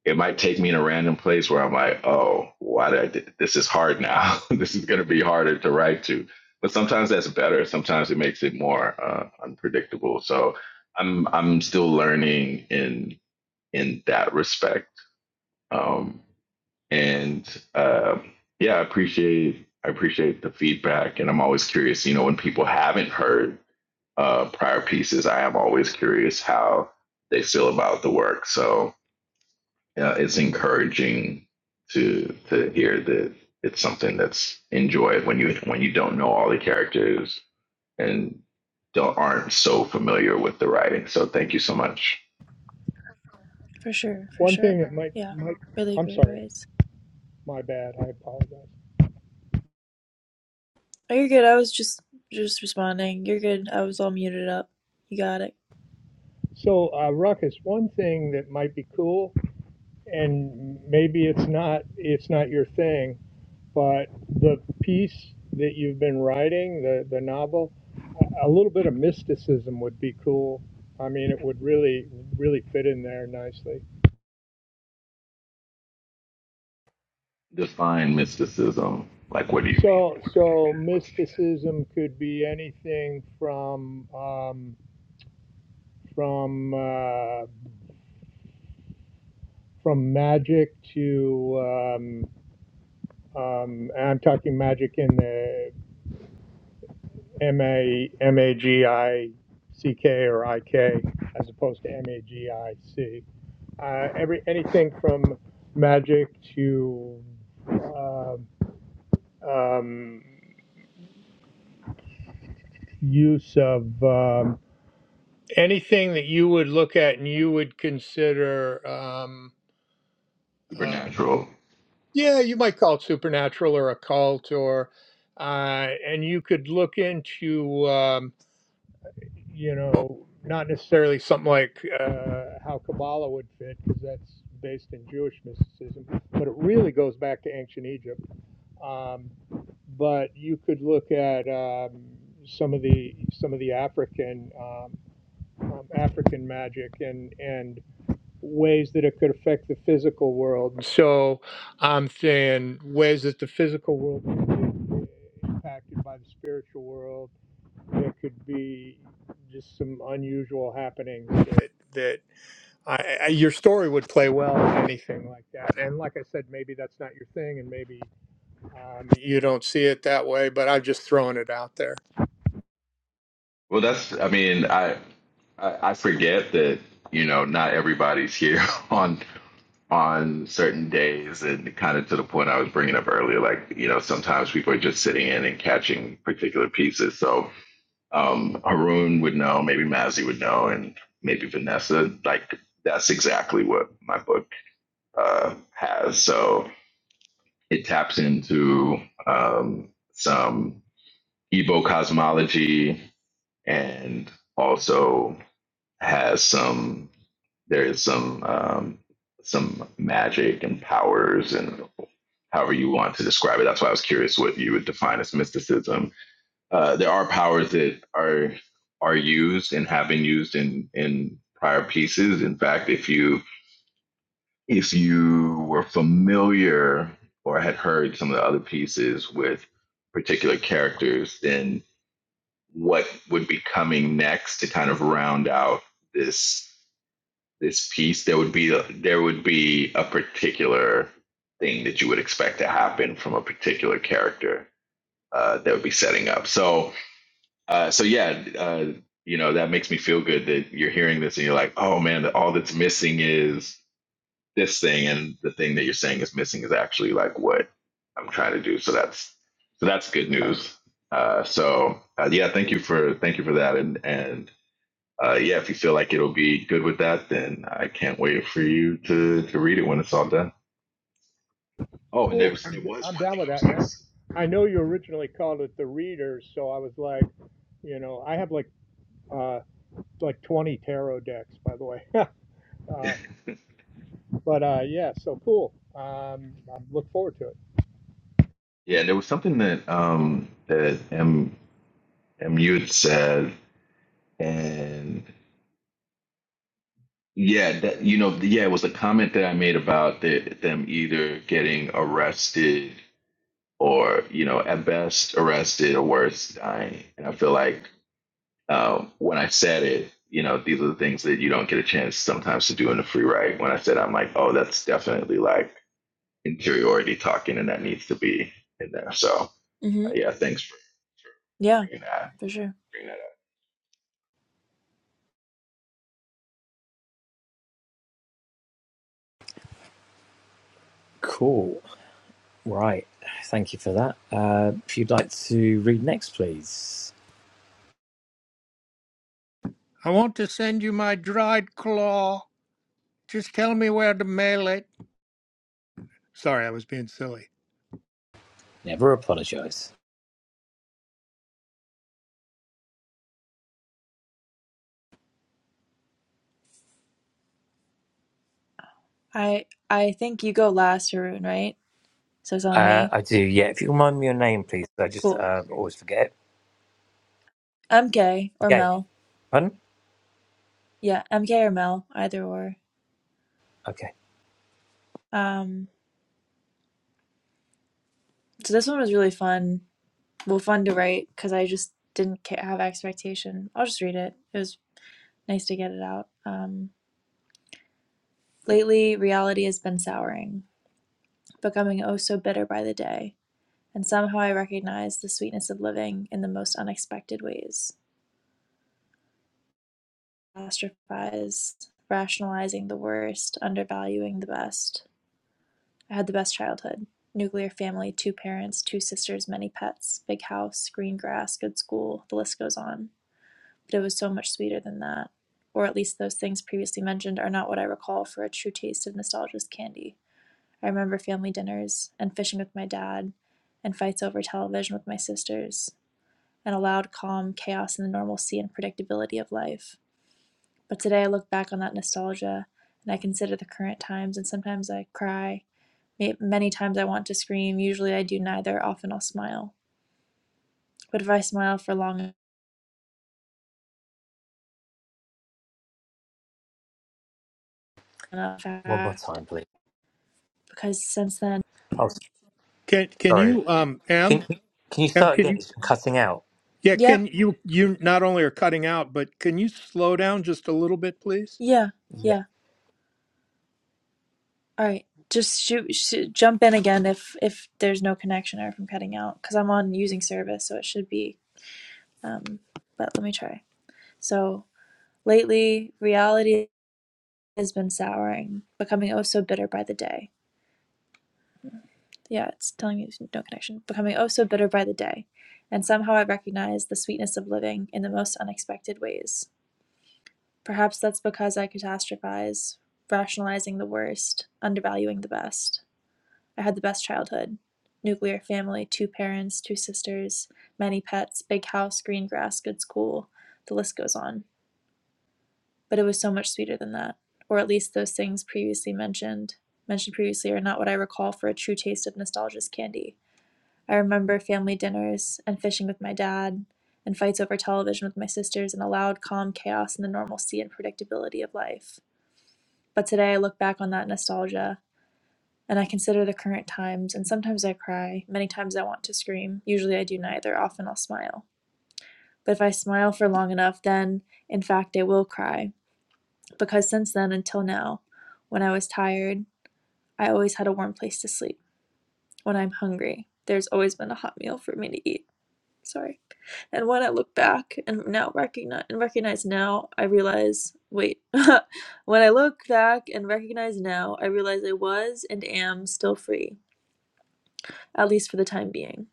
S3: it might take me in a random place where I'm like, oh, why did I do, this is hard now. this is going to be harder to write to. But sometimes that's better. Sometimes it makes it more uh, unpredictable. So I'm I'm still learning in in that respect. Um, and uh, yeah, I appreciate I appreciate the feedback, and I'm always curious. You know, when people haven't heard uh, prior pieces, I am always curious how they feel about the work. So yeah, it's encouraging to to hear that it's something that's enjoyed when you when you don't know all the characters and don't aren't so familiar with the writing. So thank you so much.
S4: for sure. For
S2: One thing
S4: sure.
S2: that might,
S4: Yeah.
S2: might
S4: Really
S2: I'm
S4: great
S2: sorry,
S4: writes.
S2: my bad, I apologize.
S4: Oh, you're good. I was just, just responding. You're good. I was all muted up. You got it.
S2: So, uh, Ruckus, one thing that might be cool, and maybe it's not, it's not your thing, but the piece that you've been writing, the the novel, a a little bit of mysticism would be cool. I mean, it would really really fit in there nicely.
S3: Define mysticism. Like, what do you mean? by-
S2: So so
S3: that? What's an example?
S2: mysticism could be anything from um, from uh, from magic to um, um, and I'm talking magic in the M A M A G I C K or I K as opposed to M A G I C uh, every anything from magic to um um, use of um, anything that you would look at and you would consider. Um, uh,
S3: Supernatural
S2: yeah, you might call it supernatural or occult, or uh, and you could look into. Um, you know, not necessarily something like uh, how Kabbalah would fit, because that's based in Jewish mysticism, but it really goes back to ancient Egypt. Um, but you could look at um, some of the some of the African um, um, African magic and and ways that it could affect the physical world. So I'm saying ways that the physical world could be impacted by the spiritual world there could be just some unusual happenings that, that I, I, your story would play well in anything like that. And like I said, maybe that's not your thing, and maybe um, you don't see it that way. But I'm just throwing it out there.
S3: Well, that's, I mean, I, I, I forget that, you know, not everybody's here on, on certain days and kind of to the point I was bringing up earlier, like, you know, sometimes people are just sitting in and catching particular pieces. So, um, Haroon would know, maybe Mazzy would know, and maybe Vanessa, like, that's exactly what my book, uh, has. So it taps into, um, some Igbo cosmology and also has some there is some um, some magic and powers and however you want to describe it. That's why I was curious what you would define as mysticism. Uh, there are powers that are are used and have been used in in prior pieces. In fact, if you if you were familiar or had heard some of the other pieces with particular characters, then what would be coming next to kind of round out this this piece, there would be a, there would be a particular thing that you would expect to happen from a particular character uh, that would be setting up. So uh, so yeah, uh, you know that makes me feel good that you're hearing this and you're like, oh man, all that's missing is this thing, and the thing that you're saying is missing is actually like what I'm trying to do. So that's so that's good news. Uh, so uh, yeah, thank you for thank you for that, and and uh, yeah, if you feel like it'll be good with that, then I can't wait for you to to read it when it's all done. Oh, and
S2: Cool.
S3: there was
S2: I'm,
S3: there
S2: d-
S3: was
S2: I'm
S3: one
S2: down
S3: thing
S2: with
S3: I
S2: that.
S3: was gonna
S2: Yeah.
S3: say.
S2: I know you originally called it the Readers, so I was like, you know, I have like uh, like 20 tarot decks, by the way. uh, But uh, yeah, so cool. Um, I look forward to it.
S3: Yeah, and there was something that um that M MU had said, and yeah, that you know, yeah, it was a comment that I made about the, them either getting arrested or you know at best arrested or worse dying, and I feel like Um, when I said it, you know, these are the things that you don't get a chance sometimes to do in a free ride. When I said, I'm like, oh, that's definitely like interiority talking, and that needs to be in there. So
S4: Mm-hmm.
S3: uh, yeah, thanks for, for
S4: Yeah,
S3: bringing that
S4: for sure.
S3: bringing that up.
S1: cool right thank you for that uh, if you'd like to read next please
S2: I want to send you my dried claw. Just tell me where to mail it. Sorry, I was being silly.
S1: never apologize
S4: I, I think you go last, Haroon, right? So it's on
S1: uh,
S4: me.
S1: i do yeah if you remind me your name please i just
S4: Cool.
S1: uh, always forget it
S4: I'm gay or
S1: yay
S4: Mel.
S1: pardon
S4: Yeah, I'm gay or Mel, either or.
S1: okay
S4: Um, so this one was really fun. Well, fun to write because I just didn't ca- have expectation. I'll just read it. It was nice to get it out. Um, lately, reality has been souring, becoming oh so bitter by the day. And somehow I recognize the sweetness of living in the most unexpected ways. Catastrophize, rationalizing the worst, undervaluing the best. I had the best childhood. Nuclear family, two parents, two sisters, many pets, big house, green grass, good school, the list goes on. But it was so much sweeter than that. Or at least those things previously mentioned are not what I recall for a true taste of nostalgia's candy. I remember family dinners, and fishing with my dad, and fights over television with my sisters, and a loud, calm chaos in the normalcy and predictability of life. But today I look back on that nostalgia, and I consider the current times, and sometimes I cry it, many times I want to scream. Usually I do neither. Often I'll smile. But if I smile for long enough,
S1: one more
S4: fact,
S1: time please
S4: because since then,
S1: oh
S2: Can can
S1: sorry
S2: you um Em?
S1: Can can you
S2: Em,
S1: start
S2: can
S1: again?
S2: you
S1: It's cutting out.
S2: yeah
S4: yep,
S2: can you you not only are cutting out but can you slow down just a little bit please?
S4: yeah,
S1: Yeah.
S4: yeah. All right, just shoot, shoot, jump in again if if there's no connection or if I'm cutting out, because I'm on using service, so it should be. Um, but let me try. So lately, reality has been souring, becoming oh so bitter by the day. yeah, it's telling me there's no connection, becoming oh so bitter by the day. And somehow I recognize the sweetness of living in the most unexpected ways. Perhaps that's because I catastrophize, rationalizing the worst, undervaluing the best. I had the best childhood nuclear family, two parents, two sisters, many pets, big house, green grass, good school. The list goes on. But it was so much sweeter than that. Or at least those things previously mentioned, mentioned previously, are not what I recall for a true taste of nostalgia's candy. I remember family dinners and fishing with my dad and fights over television with my sisters and a loud, calm chaos in the normalcy and predictability of life. But today I look back on that nostalgia and I consider the current times, and sometimes I cry. Many times I want to scream. Usually I do neither. Often I'll smile. But if I smile for long enough, then in fact I will cry. Because since then until now, when I was tired, I always had a warm place to sleep. When I'm hungry, there's always been a hot meal for me to eat. sorry. And when I look back and now recognize and recognize now, I realize wait. when I look back and recognize now, I realize I was and am still free, at least for the time being.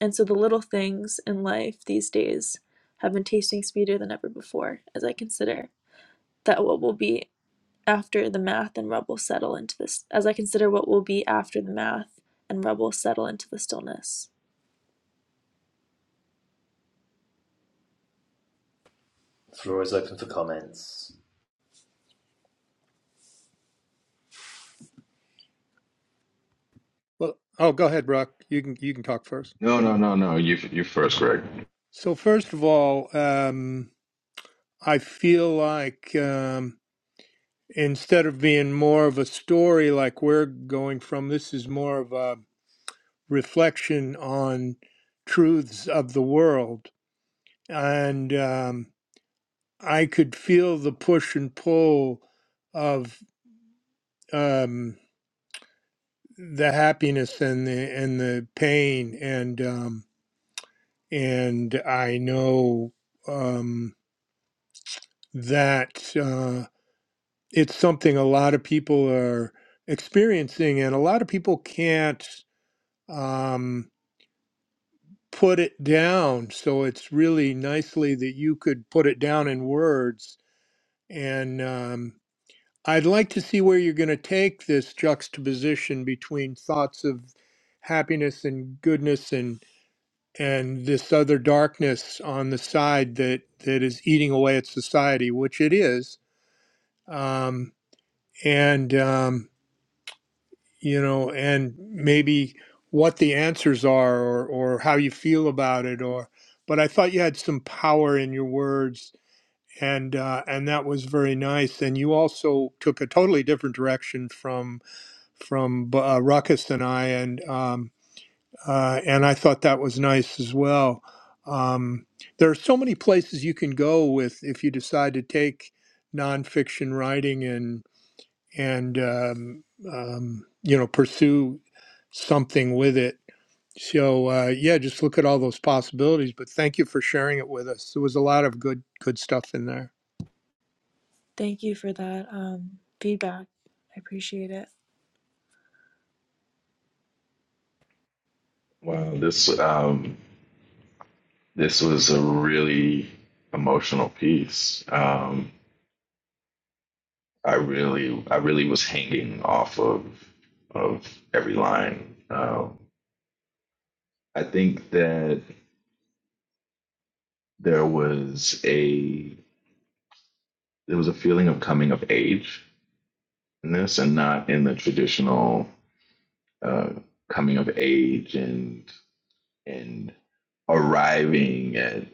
S4: And so the little things in life these days have been tasting sweeter than ever before as I consider that what will be after the math and rubble settle into this as I consider what will be after the math and rubble settle into the stillness.
S1: Floor is open for comments.
S2: Well, oh go ahead, Brock. You can you can talk first.
S3: No, no, no, no. You you first, Greg.
S2: So first of all, um, I feel like um, instead of being more of a story like we're going from, this is more of a reflection on truths of the world. And um, I could feel the push and pull of um, the happiness and the and the pain and um, and I know um, that uh, it's something a lot of people are experiencing and a lot of people can't. Um, put it down. So it's really nicely that you could put it down in words. And um, I'd like to see where you're going to take this juxtaposition between thoughts of happiness and goodness and and this other darkness on the side that that is eating away at society, which it is. Um, and um, you know, and maybe what the answers are or, or how you feel about it or but I thought you had some power in your words and uh, and that was very nice and you also took a totally different direction from from uh, Ruckus and I and um, uh, and I thought that was nice as well. Um, there are so many places you can go with if you decide to take nonfiction writing and um, um, you know pursue something with it. So uh, yeah, just look at all those possibilities. But thank you for sharing it with us. There was a lot of good good stuff in there.
S4: Thank you for that um, feedback. I appreciate it.
S3: Wow, this um this was a really emotional piece. Um, I really I really was hanging off of of every line. Um, I think that there was a there was a feeling of coming of age in this, and not in the traditional uh, coming of age and and arriving at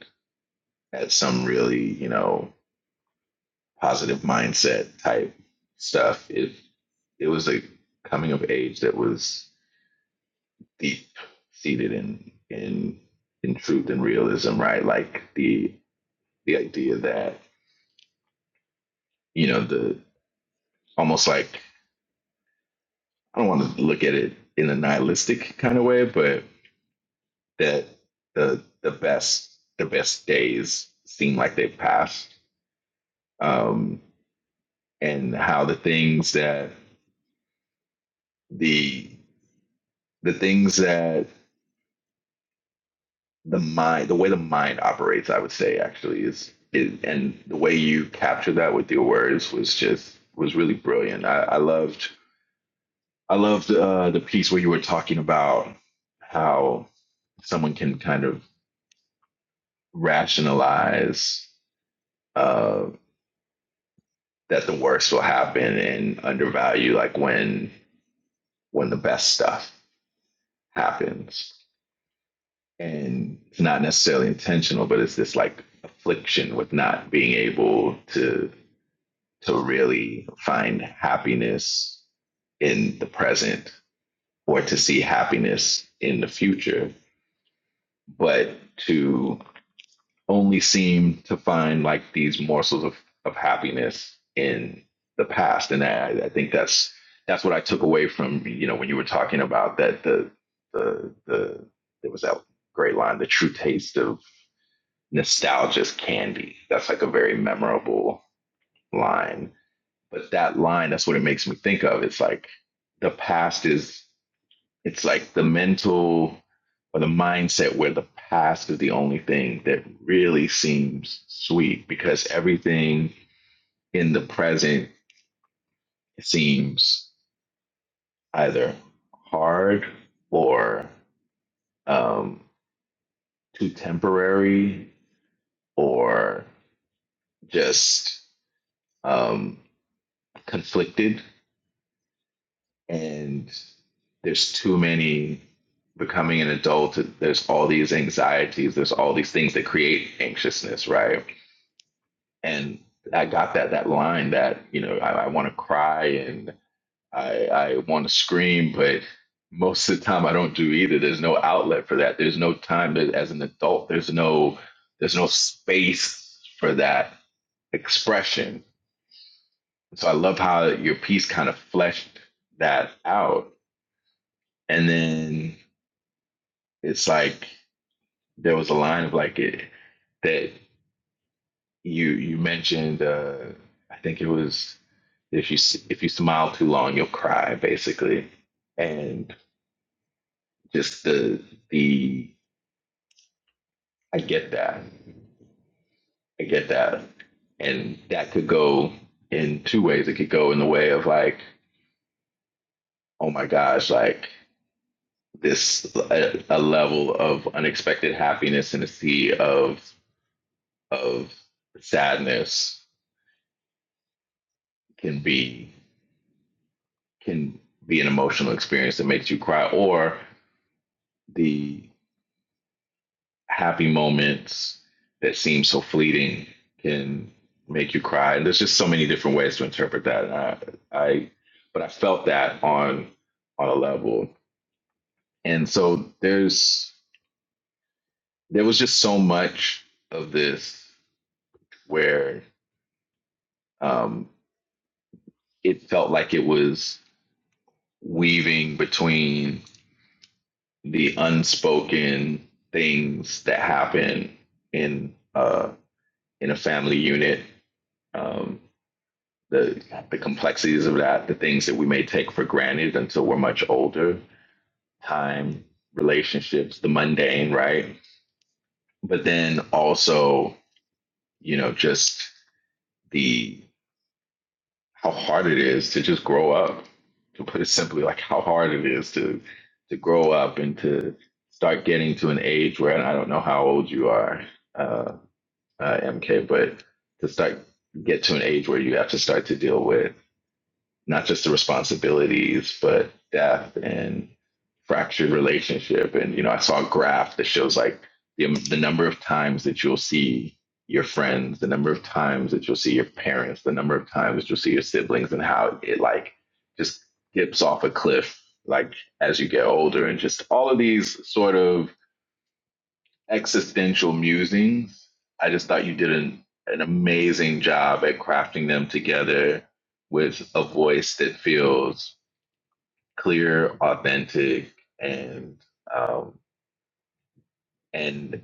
S3: at some really you know positive mindset type stuff. It it was a coming of age that was deep seated in in in truth and realism, right? Like the the idea that you know the almost like I don't want to look at it in a nihilistic kind of way, but that the the best the best days seem like they've passed, um, and how the things that the the things that the mind the way the mind operates, I would say actually is, is and the way you captured that with your words was just was really brilliant. I, I loved I loved uh, the piece where you were talking about how someone can kind of rationalize uh, that the worst will happen and undervalue like when when the best stuff happens and it's not necessarily intentional but it's this like affliction with not being able to to really find happiness in the present or to see happiness in the future but to only seem to find like these morsels of, of happiness in the past. And I, I think that's that's what I took away from, you know, when you were talking about that the the the there was that great line, the true taste of nostalgia's candy. That's like a very memorable line. But that line, that's what it makes me think of. It's like the past is it's like the mental or the mindset where the past is the only thing that really seems sweet because everything in the present seems either hard or um, too temporary or just um, conflicted. And there's too many becoming an adult. There's all these anxieties, there's all these things that create anxiousness, right? and I got that that line that you know I, I want to cry and I I want to scream, but most of the time I don't do either. There's no outlet for that. There's no time that, as an adult. There's no there's no space for that expression. So I love how your piece kind of fleshed that out, and then it's like there was a line of like it that you you mentioned. Uh, I think it was If you s- if you smile too long, you'll cry, basically. And just the the I get that, I get that, and that could go in two ways. It could go in the way of like, oh my gosh, like this a, a level of unexpected happiness in a sea of of sadness can be can be an emotional experience that makes you cry, or the happy moments that seem so fleeting can make you cry. And there's just so many different ways to interpret that. And I, I but I felt that on on a level. And so there's there was just so much of this where um, it felt like it was weaving between the unspoken things that happen in uh, in a family unit um, the the complexities of that, the things that we may take for granted until we're much older, time, relationships, the mundane, right? But then also, you know, just the how hard it is to just grow up. To put it simply, like how hard it is to to grow up and to start getting to an age where and I don't know how old you are, uh, uh, MK, but to start get to an age where you have to start to deal with not just the responsibilities, but death and fractured relationship. And you know, I saw a graph that shows like the um, the number of times that you'll see your friends, the number of times that you'll see your parents, the number of times that you'll see your siblings, and how it like just dips off a cliff like as you get older, and just all of these sort of existential musings. I just thought you did an, an amazing job at crafting them together with a voice that feels clear, authentic, and um, and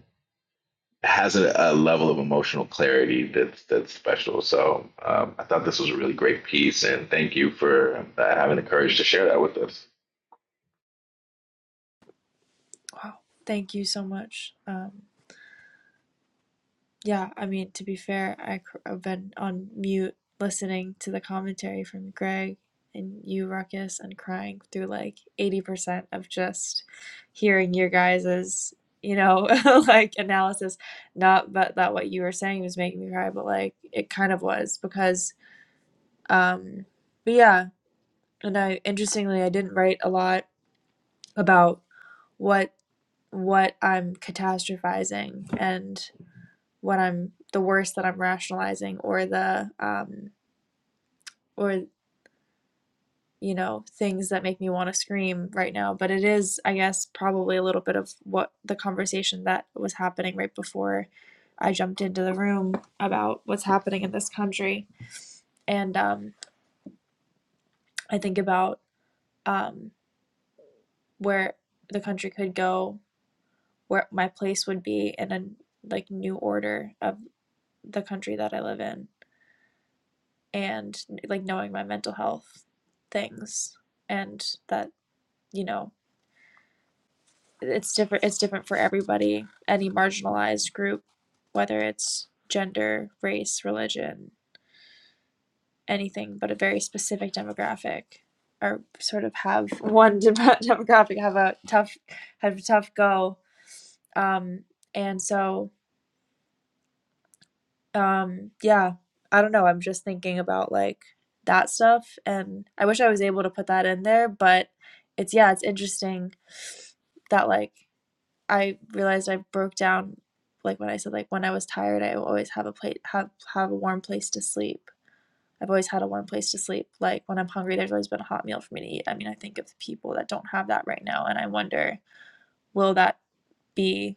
S3: has a, a level of emotional clarity that's that's special. So um, I thought this was a really great piece, and thank you for uh, having the courage to share that with us.
S4: Wow. Thank you so much. Um, yeah, I mean, to be fair, I cr- I've been on mute listening to the commentary from Greg and you, Ruckus, and crying through like 80% of just hearing your guys's, you know, like analysis. Not but that what you were saying was making me cry, but like it kind of was because, um, but yeah, and I interestingly, I didn't write a lot about what what I'm catastrophizing and what I'm the worst that I'm rationalizing or the um or you know things that make me want to scream right now but it is I guess probably a little bit of what the conversation that was happening right before I jumped into the room about what's happening in this country and um I think about um where the country could go where my place would be in a like new order of the country that I live in and like knowing my mental health things and that you know it's different it's different for everybody any marginalized group whether it's gender race religion anything but a very specific demographic or sort of have one demographic have a tough have a tough go um, and so Um, yeah, I don't know, I'm just thinking about, like, that stuff, and I wish I was able to put that in there, but it's yeah, it's interesting that, like, I realized I broke down, like, when I said, like, when I was tired, I always have a place have have a warm place to sleep. I've always had a warm place to sleep. Like, when I'm hungry, there's always been a hot meal for me to eat. I mean, I think of people that don't have that right now, and I wonder, will that be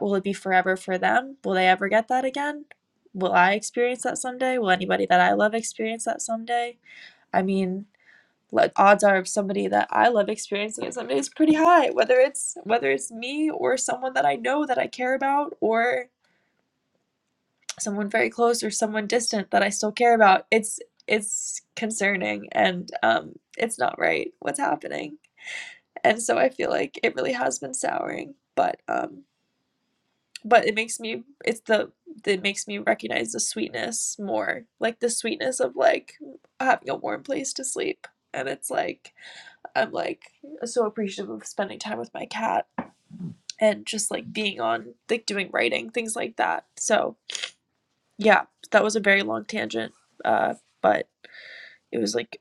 S4: will it be forever for them? Will they ever get that again? Will I experience that someday? Will anybody that I love experience that someday? I mean, like odds are of somebody that I love experiencing it someday is pretty high, whether it's whether it's me or someone that I know that I care about or someone very close or someone distant that I still care about. It's it's concerning and um it's not right what's happening. And so I feel like it really has been souring. But um but it makes me it's the it makes me recognize the sweetness more like the sweetness of like having a warm place to sleep and it's like i'm like so appreciative of spending time with my cat and just like being on like doing writing things like that so yeah that was a very long tangent uh but it was like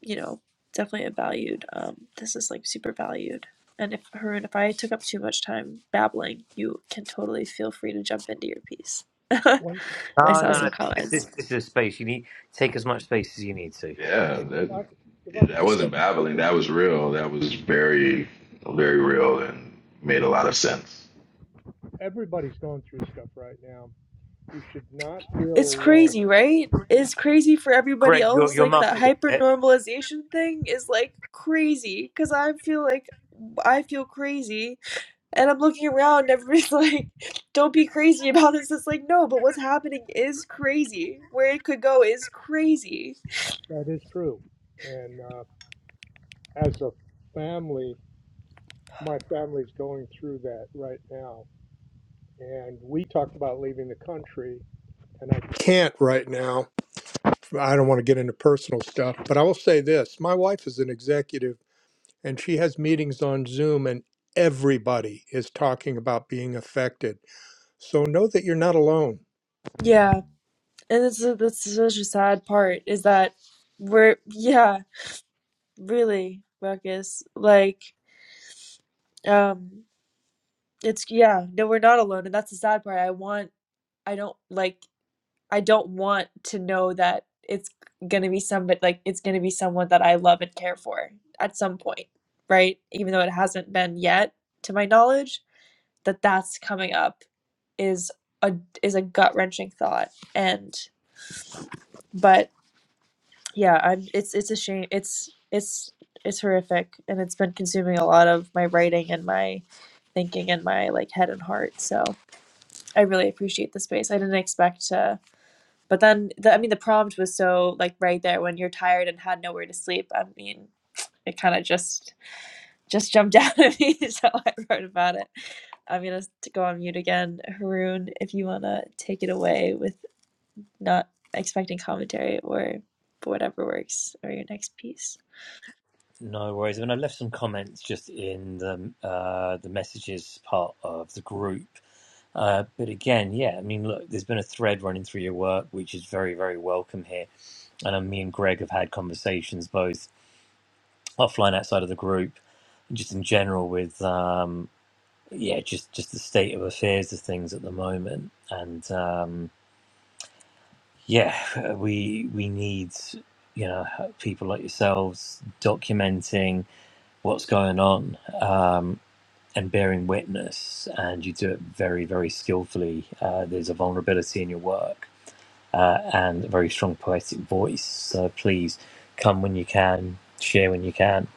S4: you know definitely a valued um this is like super valued and if Harun, if I took up too much time babbling, you can totally feel free to jump into your piece.
S2: One
S4: I
S2: one
S1: Oh
S4: saw
S1: no
S4: some
S2: thing,
S1: no. This,
S4: comments.
S1: this, this is a space you need. Take as much space as you need to.
S3: Yeah,
S1: Okay.
S3: that
S2: I c- if I could
S3: that
S2: just say
S3: wasn't
S2: one
S3: babbling. That was real. That was very, very real and made a lot of sense.
S2: everybody's going through stuff right now. You should not feel
S4: It's
S2: alone.
S4: crazy, right? It's crazy for everybody
S1: Greg, you're
S4: else.
S1: you're
S4: Like that
S1: muffled a
S4: hyper
S1: bit.
S4: normalization thing is like crazy because I feel like I feel crazy and I'm looking around and everybody's like, don't be crazy about this. It's like, no, but what's happening is crazy. Where it could go is crazy.
S2: That is true. And uh, as a family, my family's going through that right now. And we talked about leaving the country, and I can't right now. I don't want to get into personal stuff, but I will say this my wife is an executive, and she has meetings on Zoom, and everybody is talking about being affected. So know that you're not alone.
S4: Yeah. And it's that's such a sad part is that we're, yeah, really, Ruckus. Like, um, it's yeah, no, we're not alone, and that's the sad part. I want I don't like I don't want to know that it's going to be somebody like it's going to be someone that I love and care for at some point, right? Even though it hasn't been yet to my knowledge, that that's coming up is a is a gut-wrenching thought and but yeah, I'm it's it's a shame. It's it's it's horrific and it's been consuming a lot of my writing and my thinking and my like head and heart. So, I really appreciate the space. I didn't expect to But then, the, I mean, the prompt was so like right there when you're tired and had nowhere to sleep. I mean, it kind of just just jumped out at me, so I wrote about it. I'm gonna to go on mute again, Haroon. If you wanna take it away with not expecting commentary or whatever works, or your next piece.
S1: No worries. I mean, I left some comments just in the uh, the messages part of the group. Uh, but again, yeah, I mean, look, there's been a thread running through your work, which is very, very welcome here. And uh, me and Greg have had conversations both offline outside of the group, just in general with um, yeah, just just the state of affairs of things at the moment, and um, yeah, we we need you know people like yourselves documenting what's going on um, and bearing witness, and you do it very very skillfully. Uh, there's a vulnerability in your work uh, and a very strong poetic voice. So please come when you can, share when you can,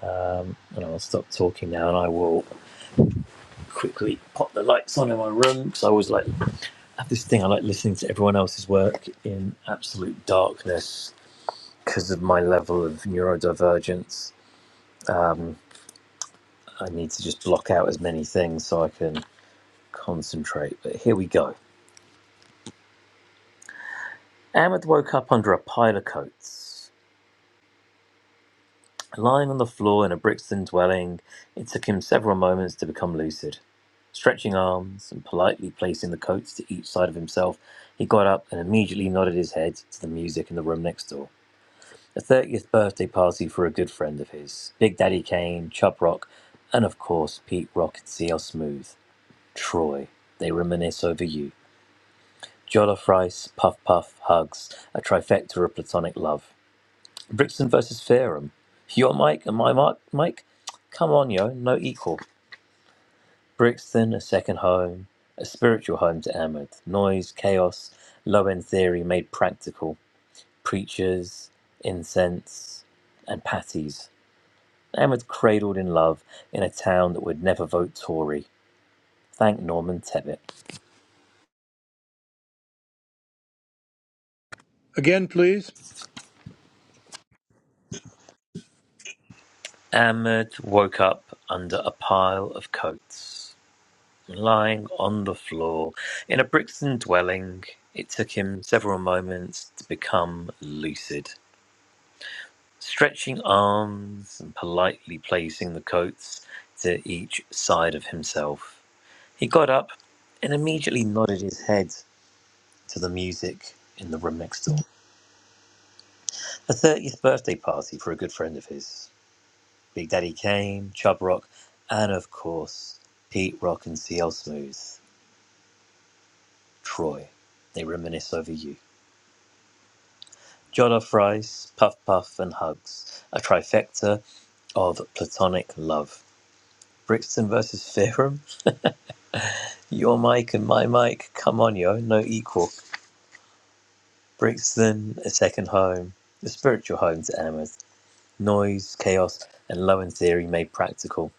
S1: um, and I'll stop talking now, and I will quickly pop the lights on in my room because I always like I have this thing I like listening to everyone else's work in absolute darkness because of my level of neurodivergence. I need to just block out as many things so I can concentrate. But here we go. Ahmed woke up under a pile of coats. Lying on the floor in a Brixton dwelling, it took him several moments to become lucid. Stretching arms and politely placing the coats to each side of himself, he got up and immediately nodded his head to the music in the room next door. a 30th birthday party for a good friend of his, Big Daddy Kane, Chub Rock, and of course Pete Rock and CL Smooth, Troy. They reminisce over you. Jollof rice, puff puff, hugs, a trifecta of platonic love. Brixton versus Fairham. Your Mike and my Mark, Mike? Come on, yo, no equal. Brixton, a second home, a spiritual home to Ahmed. Noise, chaos, low end theory made practical. Preachers, incense, and patties. and was cradled in love in a town that would never vote Tory. Thank Norman Tebbit.
S2: Again, please.
S1: Ahmed woke up under a pile of coats, lying on the floor in a Brixton dwelling. It took him several moments to become lucid, stretching arms and politely placing the coats to each side of himself. He got up and immediately nodded his head to the music in the room next door. a 30th birthday party for a good friend of his. Big Daddy Kane, Chub Rock, and of course, Pete Rock and CL Smooth, Troy. They reminisce over you. Jollof rice, puff puff, and hugs. A trifecta of platonic love. Brixton versus Fairham. Your mic and my mic. Come on, yo. No equal. Brixton, a second home. The spiritual home to Amherst. Noise, chaos, and low in theory made practical.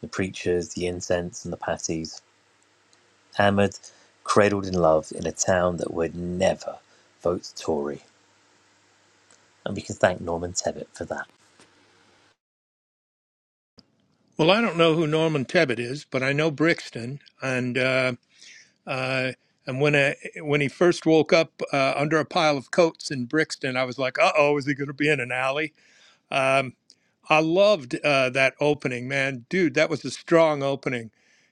S1: The preachers, the incense, and the patties hammered, cradled in love in a town that would never vote Tory. And we can thank Norman Tebbit for that.
S2: Well, I don't know who Norman Tebbit is, but I know Brixton, and uh, uh, and when I, when he first woke up uh, under a pile of coats in Brixton, I was like, "Uh oh, is he going to be in an alley?" Um, I loved uh, that opening, man, dude. That was a strong opening.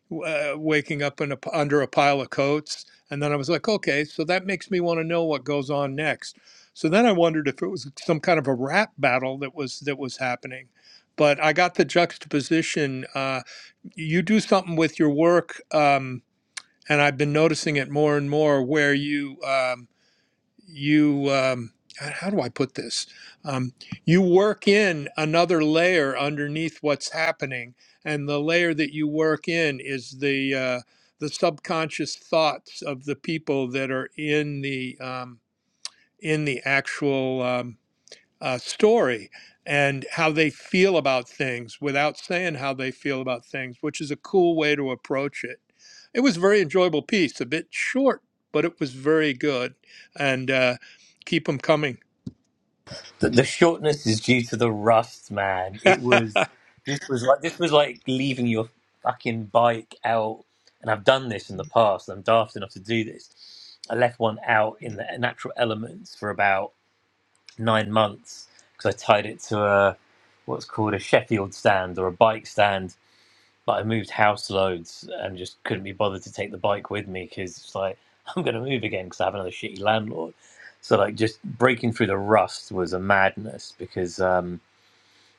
S2: w- Uh, waking up in a, p- under a pile of coats, and then I was like, "Okay, so that makes me want to know what goes on next." So then I wondered if it was some kind of a rap battle that was that was happening but I got the juxtaposition. Uh, you do something with your work, um, and I've been noticing it more and more where you um, you um, how do I put this? Um, you work in another layer underneath what's happening, and the layer that you work in is the uh, the subconscious thoughts of the people that are in the um, in the actual. um, uh, story and how they feel about things without saying how they feel about things, which is a cool way to approach it. It was a very enjoyable piece, a bit short, but it was very good. And uh, keep them coming.
S1: The, the shortness is due to the rust, man. It was this was like this was like leaving your fucking bike out. And I've done this in the past. I'm daft enough to do this. I left one out in the natural elements for about nine months because I tied it to a what's called a Sheffield stand or a bike stand But I moved house loads and just couldn't be bothered to take the bike with me because it's like I'm going to move again because I have another shitty landlord. So like just breaking through the rust was a madness because um,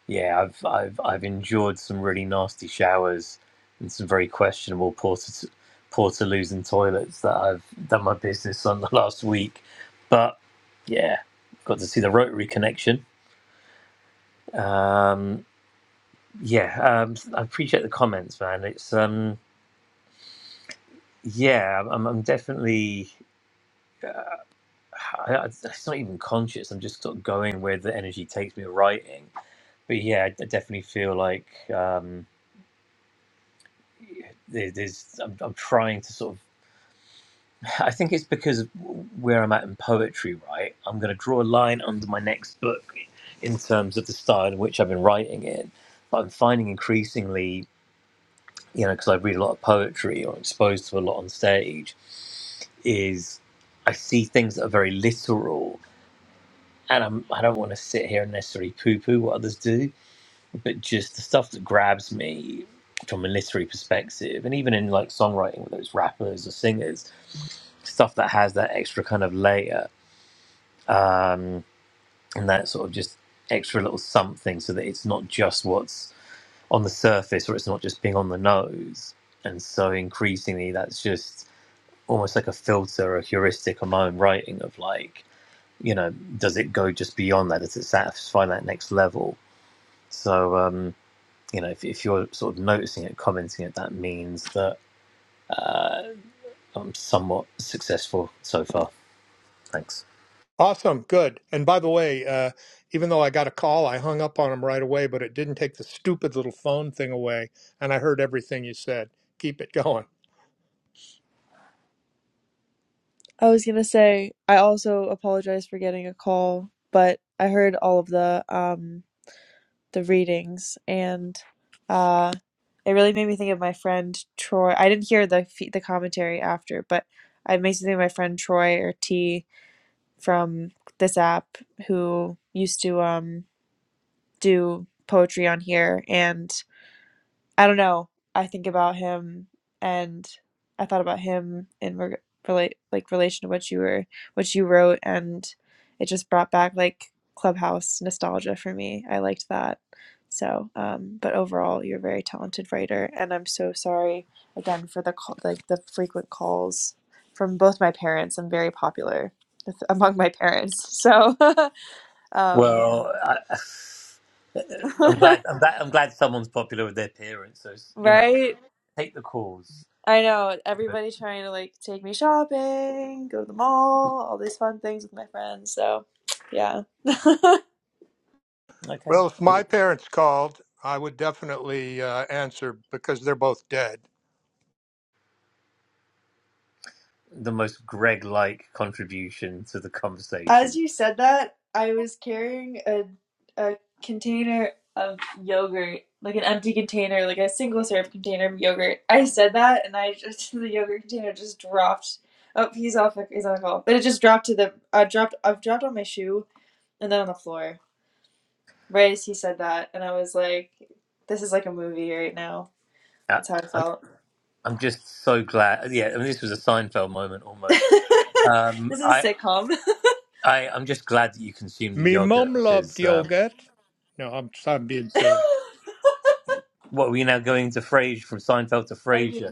S1: yeah, I've I've I've endured some really nasty showers and some very questionable porta portaloos and toilets that I've done my business on the last week. But yeah, got to see the rotary connection. Um, yeah, um, I appreciate the comments, man. It's um, yeah, I'm, I'm definitely. I, I- it's not even conscious. I'm just sort of going where the energy takes me writing. But yeah, I d- definitely feel like um, there- there's. I'm, I'm trying to sort of. I think it's because of where I'm at in poetry. Right, I'm going to draw a line under my next book in terms of the style in which I've been writing in. But I'm finding increasingly, you know, because I read a lot of poetry or exposed to a lot on stage, is I see things that are very literal and I'm, I don't want to sit here and necessarily poo poo what others do, but just the stuff that grabs me from a literary perspective, and even in like songwriting, whether it's rappers or singers, stuff that has that extra kind of layer and that sort of just extra little something so that it's not just what's on the surface or it's not just being on the nose. And so increasingly, that's just almost like a filter or heuristic on my own writing of like, you know, does it go just beyond that? Does it satisfy that next level? So, um, you know, if, if you're sort of noticing it, commenting it, that means that I'm somewhat successful so far. Thanks.
S2: awesome. Good. And by the way, uh, even though I got a call, I hung up on him right away, but it didn't take the stupid little phone thing away. And I heard everything you said. Keep it going.
S4: I was gonna say I also apologize for getting a call, but I heard all of the um the readings, and uh, it really made me think of my friend Troy. I didn't hear the fe- the commentary after, but it makes me think of my friend Troy or T from this app who used to um, do poetry on here, and I don't know. I think about him, and I thought about him in reg- relate like relation to what you were, what you wrote, and it just brought back like Clubhouse nostalgia for me. I liked that. So, um, but overall, you're a very talented writer, and I'm so sorry again for the call, like the frequent calls from both my parents. I'm very popular with, among my parents, so um,
S1: Well, I, I'm glad. I'm glad. I'm glad someone's popular with their parents. So you know,
S4: right?
S1: take the calls.
S4: I know
S1: You know.
S4: everybody trying to like take me shopping, go to the mall, all these fun things with my friends. So, yeah.
S1: Okay.
S2: Well, if my
S1: Cool.
S2: parents called, I would definitely uh, answer because they're both dead
S1: The most Greg-like contribution to the
S4: As
S1: conversation.
S4: you said that, I was carrying a a container of yogurt, like an empty container, like a single serve container of yogurt. I said that, and I just the yogurt container just dropped. Oh, he's off. He's on the call, but it just dropped to the. I dropped. I've dropped on my shoe and then on the floor. Right as he said that, and I was like, "This is like a movie right now."
S1: Uh,
S4: That's how I
S1: I'm.
S4: felt.
S1: I'm just so glad. Yeah, I mean, this was a Seinfeld moment
S4: this
S1: almost. Um,
S4: is
S1: I.
S4: a sitcom.
S1: I. I'm just glad that you consumed the
S2: Me
S1: yogurt
S2: mum loved
S1: because. Um,
S2: yogurt. No, I'm, I'm being silly.
S1: what are we now going to Frasier from Seinfeld to
S4: I need-
S1: Frasier?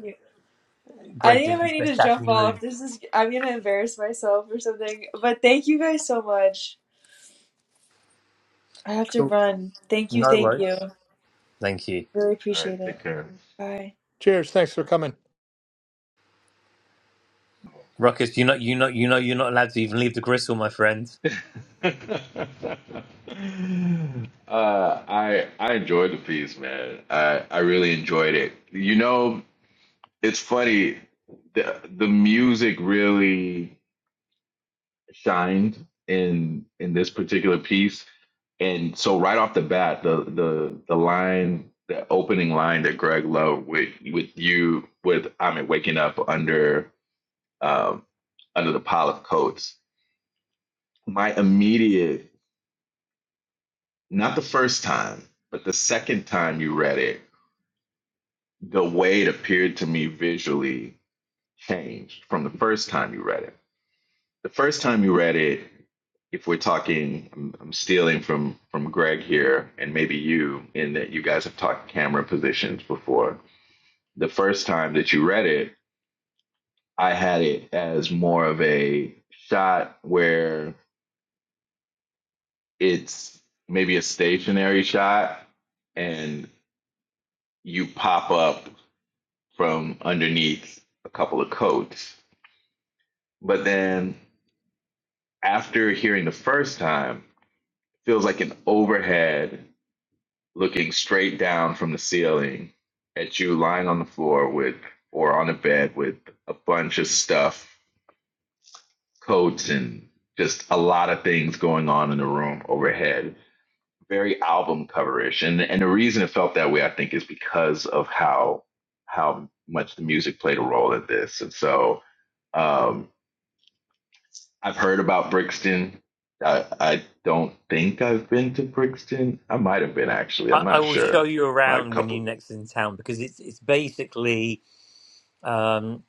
S4: I
S1: Greg
S4: think I
S1: did
S4: might
S1: his
S4: need
S1: best
S4: to jump
S1: Daphne
S4: off.
S1: Moon.
S4: This is I'm gonna embarrass myself or something. But thank you guys so much. I have to
S1: Cool.
S4: run. Thank you,
S1: No
S4: thank you.
S1: worries. Thank you,
S4: Really
S3: All right,
S4: appreciate it.
S3: take care.
S4: Bye.
S2: Cheers. Thanks for coming.
S1: Ruckus. You know, you know, you know you're not allowed to even leave the gristle, my friend.
S3: uh, I I enjoyed the piece, man. I I really enjoyed it. You know, it's funny. The the music really. shined in in this particular piece. And so right off the bat, the the the line, the opening line that Greg Love with with you with I mean waking up under um under the pile of coats. My immediate not the first time, but the second time you read it, the way it appeared to me visually changed from the first time you read it the first time you read it, if we're talking, I'm, I'm stealing from from Greg here, and maybe you, in that you guys have talked camera positions before. The first time that you read it, I had it as more of a shot where it's maybe a stationary shot, and you pop up from underneath a couple of coats. But then after hearing the first time, it feels like an overhead looking straight down from the ceiling at you lying on the floor with or on a bed with a bunch of stuff, coats and just a lot of things going on in the room overhead. Very album coverish. And and the reason it felt that way I think is because of how how much the music played a role in this. And so um I've heard about Brixton. I, I don't think I've been to Brixton. I might have been actually.
S1: I,
S3: I'm
S1: I
S3: not
S1: will show
S3: sure.
S1: you
S3: My
S1: around when
S3: couple
S1: you
S3: of
S1: next in town because it's it's basically um,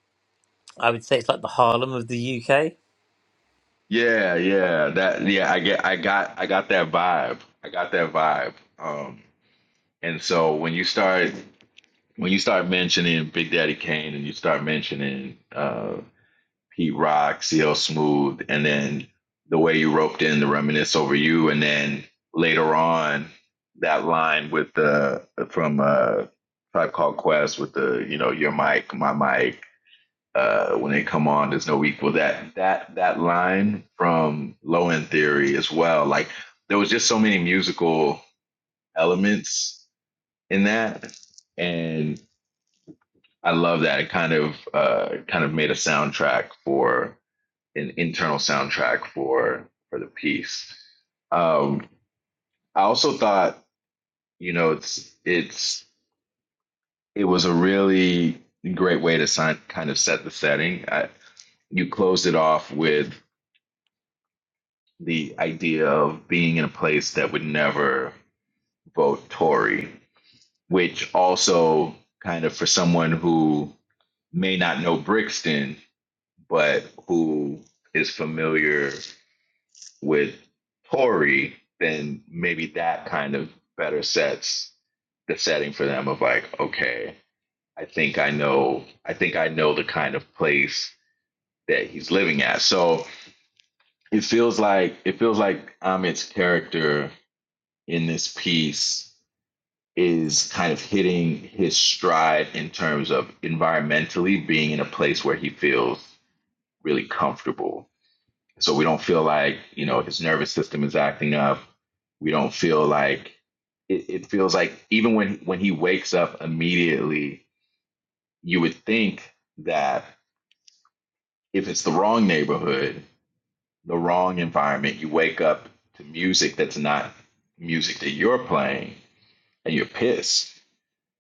S1: I would say it's like the Harlem of the UK.
S3: Yeah, yeah, that yeah, I get I got I got that vibe. I got that vibe. Um and so when you start when you start mentioning Big Daddy Kane and you start mentioning uh Pete Rock, CL Smooth and then the way you roped in the reminisce over you and then later on that line with the from uh Tribe Called Quest with the you know your mic, my mic uh, when they come on, there's no equal. That that that line from Low End Theory as well. Like there was just so many musical elements in that, and I love that. It kind of uh, kind of made a soundtrack for an internal soundtrack for for the piece. Um, I also thought, you know, it's it's it was a really great way to sign, kind of set the setting. I, you closed it off with the idea of being in a place that would never vote Tory, which also kind of for someone who may not know Brixton, but who is familiar with Tory, then maybe that kind of better sets the setting for them of like, okay, I think I know, I think I know the kind of place that he's living at. So it feels like it feels like Amit's character in this piece is kind of hitting his stride in terms of environmentally being in a place where he feels really comfortable. So we don't feel like, you know, his nervous system is acting up. We don't feel like it, it feels like even when when he wakes up immediately, you would think that if it's the wrong neighborhood, the wrong environment, you wake up to music that's not music that you're playing and you're pissed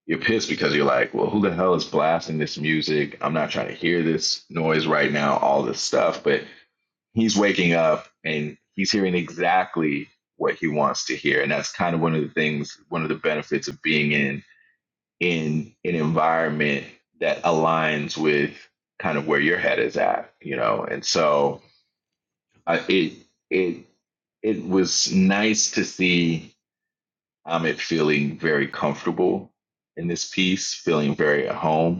S3: You're pissed because you're like, well, who the hell is blasting this music? I'm not trying to hear this noise right now, all this stuff. But he's waking up and he's hearing exactly what he wants to hear. And that's kind of one of the things, one of the benefits of being in in an environment that aligns with kind of where your head is at, you know. And so uh, it it it was nice to see Amit feeling very comfortable in this piece, feeling very at home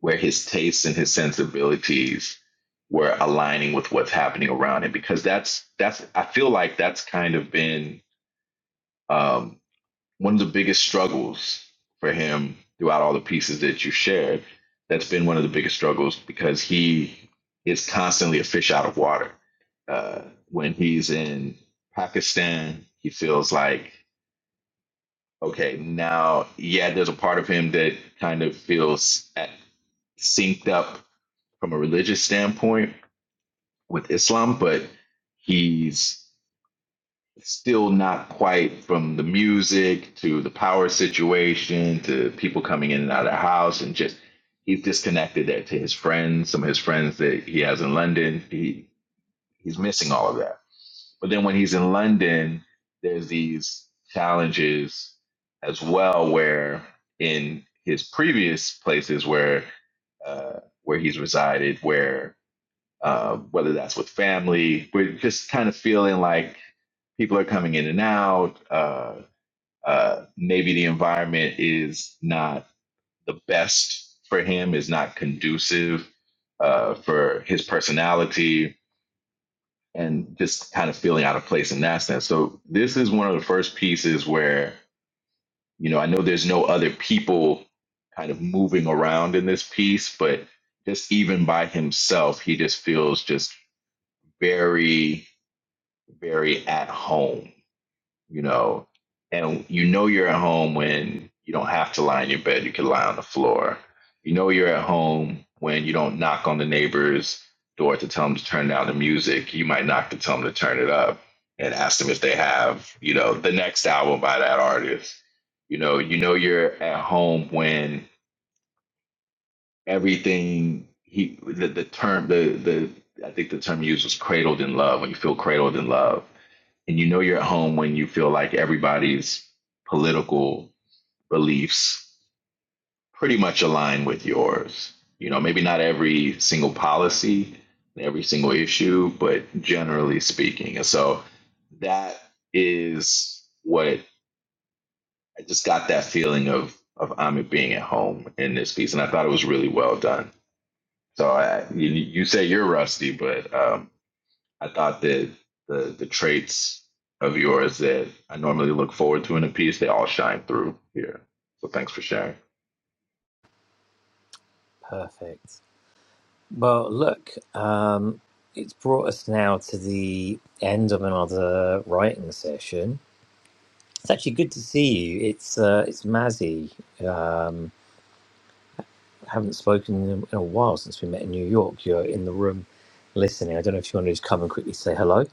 S3: where his tastes and his sensibilities were aligning with what's happening around him because that's that's I feel like that's kind of been um, one of the biggest struggles for him throughout all the pieces that you shared. That's been one of the biggest struggles because he is constantly a fish out of water. Uh, when he's in Pakistan, he feels like okay now yeah, there's a part of him that kind of feels at, synced up from a religious standpoint with Islam, but he's still not quite from the music to the power situation to people coming in and out of the house and just he's disconnected that to his friends, some of his friends that he has in London. He he's missing all of that. But then when he's in London, there's these challenges as well where in his previous places where uh, where he's resided, where uh, whether that's with family. We're just kind of feeling like people are coming in and out. Uh, uh, maybe the environment is not the best for him, is not conducive uh, for his personality, and just kind of feeling out of place in that sense. So, this is one of the first pieces where, you know, I know there's no other people kind of moving around in this piece, but just even by himself, he just feels just very very at home, you know. And you know you're at home when you don't have to lie in your bed, you can lie on the floor. You know you're at home when you don't knock on the neighbor's door to tell them to turn down the music. You might knock to tell them to turn it up and ask them if they have, you know, the next album by that artist. You know, you know you're at home when everything he the, the term the the I think the term used was cradled in love when you feel cradled in love and you know you're at home when you feel like everybody's political beliefs pretty much align with yours you know maybe not every single policy every single issue but generally speaking and so that is what I just got that feeling of of Amit being at home in this piece and I thought it was really well done so I, you, you say you're rusty, but um, I thought that the the traits of yours that I normally look forward to in a piece, they all shine through here. So thanks for sharing.
S1: Perfect. Well, look, um, it's brought us now to the end of another writing session. It's actually good to see you. It's uh, it's Mazzy. Um, haven't spoken in a while since we met in New York. You're in the room listening. I don't know if you want to just come and quickly say hello.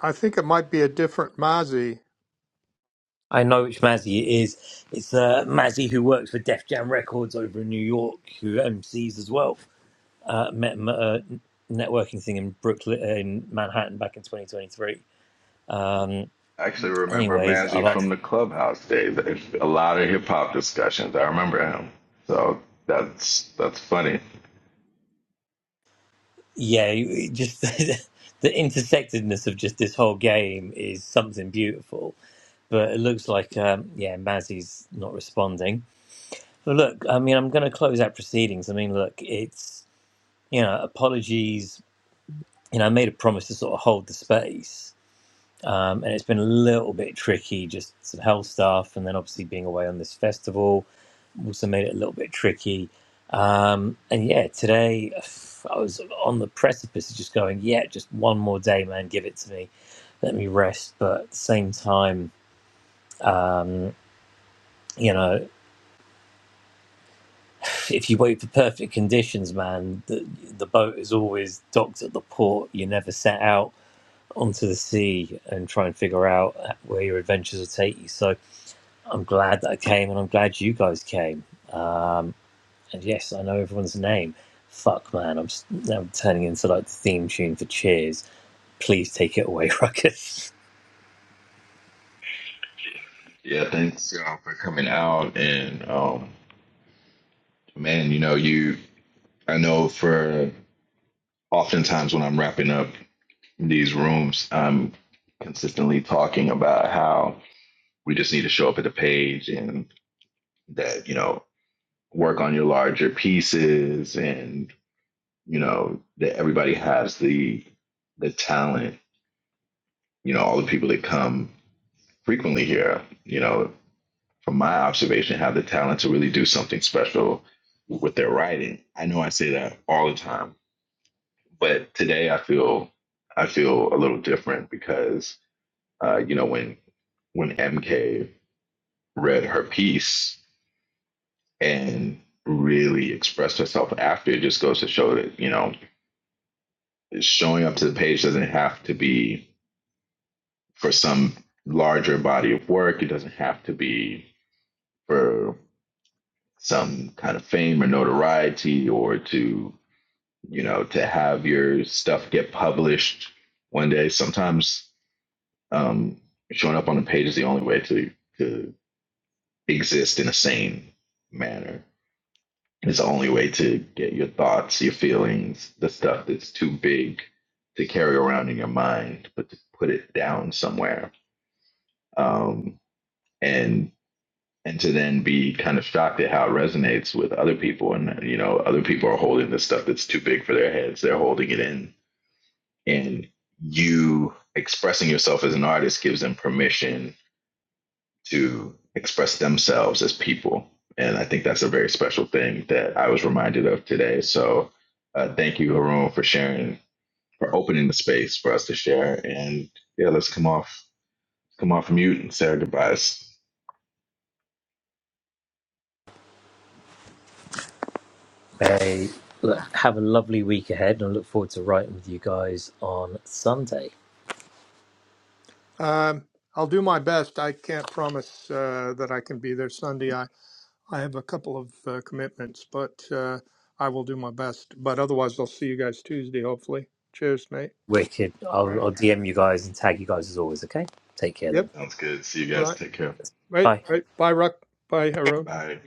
S2: I think it might be a different Mozzie.
S1: I know which Mazzy it is. It's uh, Mazzy who works for Def Jam Records over in New York, who MCs as well. Uh, met him at a networking thing in Brooklyn, in Manhattan back in 2023. Um,
S3: I actually remember
S1: anyways, I've
S3: Mazzy from the clubhouse days. A lot of hip hop discussions. I remember him. So that's that's funny.
S1: yeah, it just the intersectedness of just this whole game is something beautiful. But it looks like, um, yeah, Mazzy's not responding. Well, look, I mean, I'm going to close out proceedings. I mean, look, it's, you know, apologies. You know, I made a promise to sort of hold the space. Um, and it's been a little bit tricky, just some health stuff, and then obviously being away on this festival also made it a little bit tricky. Um, and yeah, today I was on the precipice of just going, yeah, just one more day, man, give it to me, let me rest. But at the same time, you know, If you wait for perfect conditions, man, the, the boat is always docked at the port. You never set out onto the sea and try and figure out where your adventures will take you. So I'm glad that I came, and I'm glad you guys came. And yes, I know everyone's name. Fuck, man, I'm s- now turning into like the theme tune for Cheers. please take it away, Ruckus.
S3: Yeah, thanks y'all for coming out and um, man, you know you. I know for oftentimes when I'm wrapping up in these rooms, I'm consistently talking about how we just need to show up at the page and that, you know, work on your larger pieces and, you know, that everybody has the the talent, you know, all the people that come frequently here, you know, from my observation, have the talent to really do something special with their writing. I know I say that all the time, but today I feel I feel a little different because uh, you know, when when MK read her piece and really expressed herself after it just goes to show that you know showing up to the page doesn't have to be for some larger body of work it doesn't have to be for some kind of fame or notoriety or to you know to have your stuff get published one day sometimes um showing up on a page is the only way to to exist in a sane manner It's the only way to get your thoughts, your feelings, the stuff that's too big to carry around in your mind, but to put it down somewhere. Um, and and to then be kind of shocked at how it resonates with other people. And you know, other people are holding the stuff that's too big for their heads. They're holding it in. And you expressing yourself as an artist gives them permission to express themselves as people. And I think that's a very special thing that I was reminded of today. So uh, thank you, Haroon, for sharing, for opening the space for us to share. And yeah, let's come off, come off mute and say our goodbyes.
S1: Hey, look, have a lovely week ahead, and I look forward to writing with you guys on Sunday.
S2: Um, I'll do my best. I can't promise uh, that I can be there Sunday. I, I have a couple of uh, commitments, but uh, I will do my best. But otherwise, I'll see you guys Tuesday, hopefully. Cheers, mate.
S1: Wicked.
S3: All
S1: I'll,
S3: right.
S1: I'll DM you guys and tag you guys as always, okay? Take care then.
S2: Yep.
S3: Sounds good. See you guys.
S2: Right.
S3: Take care.
S2: Right.
S1: Bye.
S2: Right. Bye, Ruck. Bye, Haroon.
S3: Bye.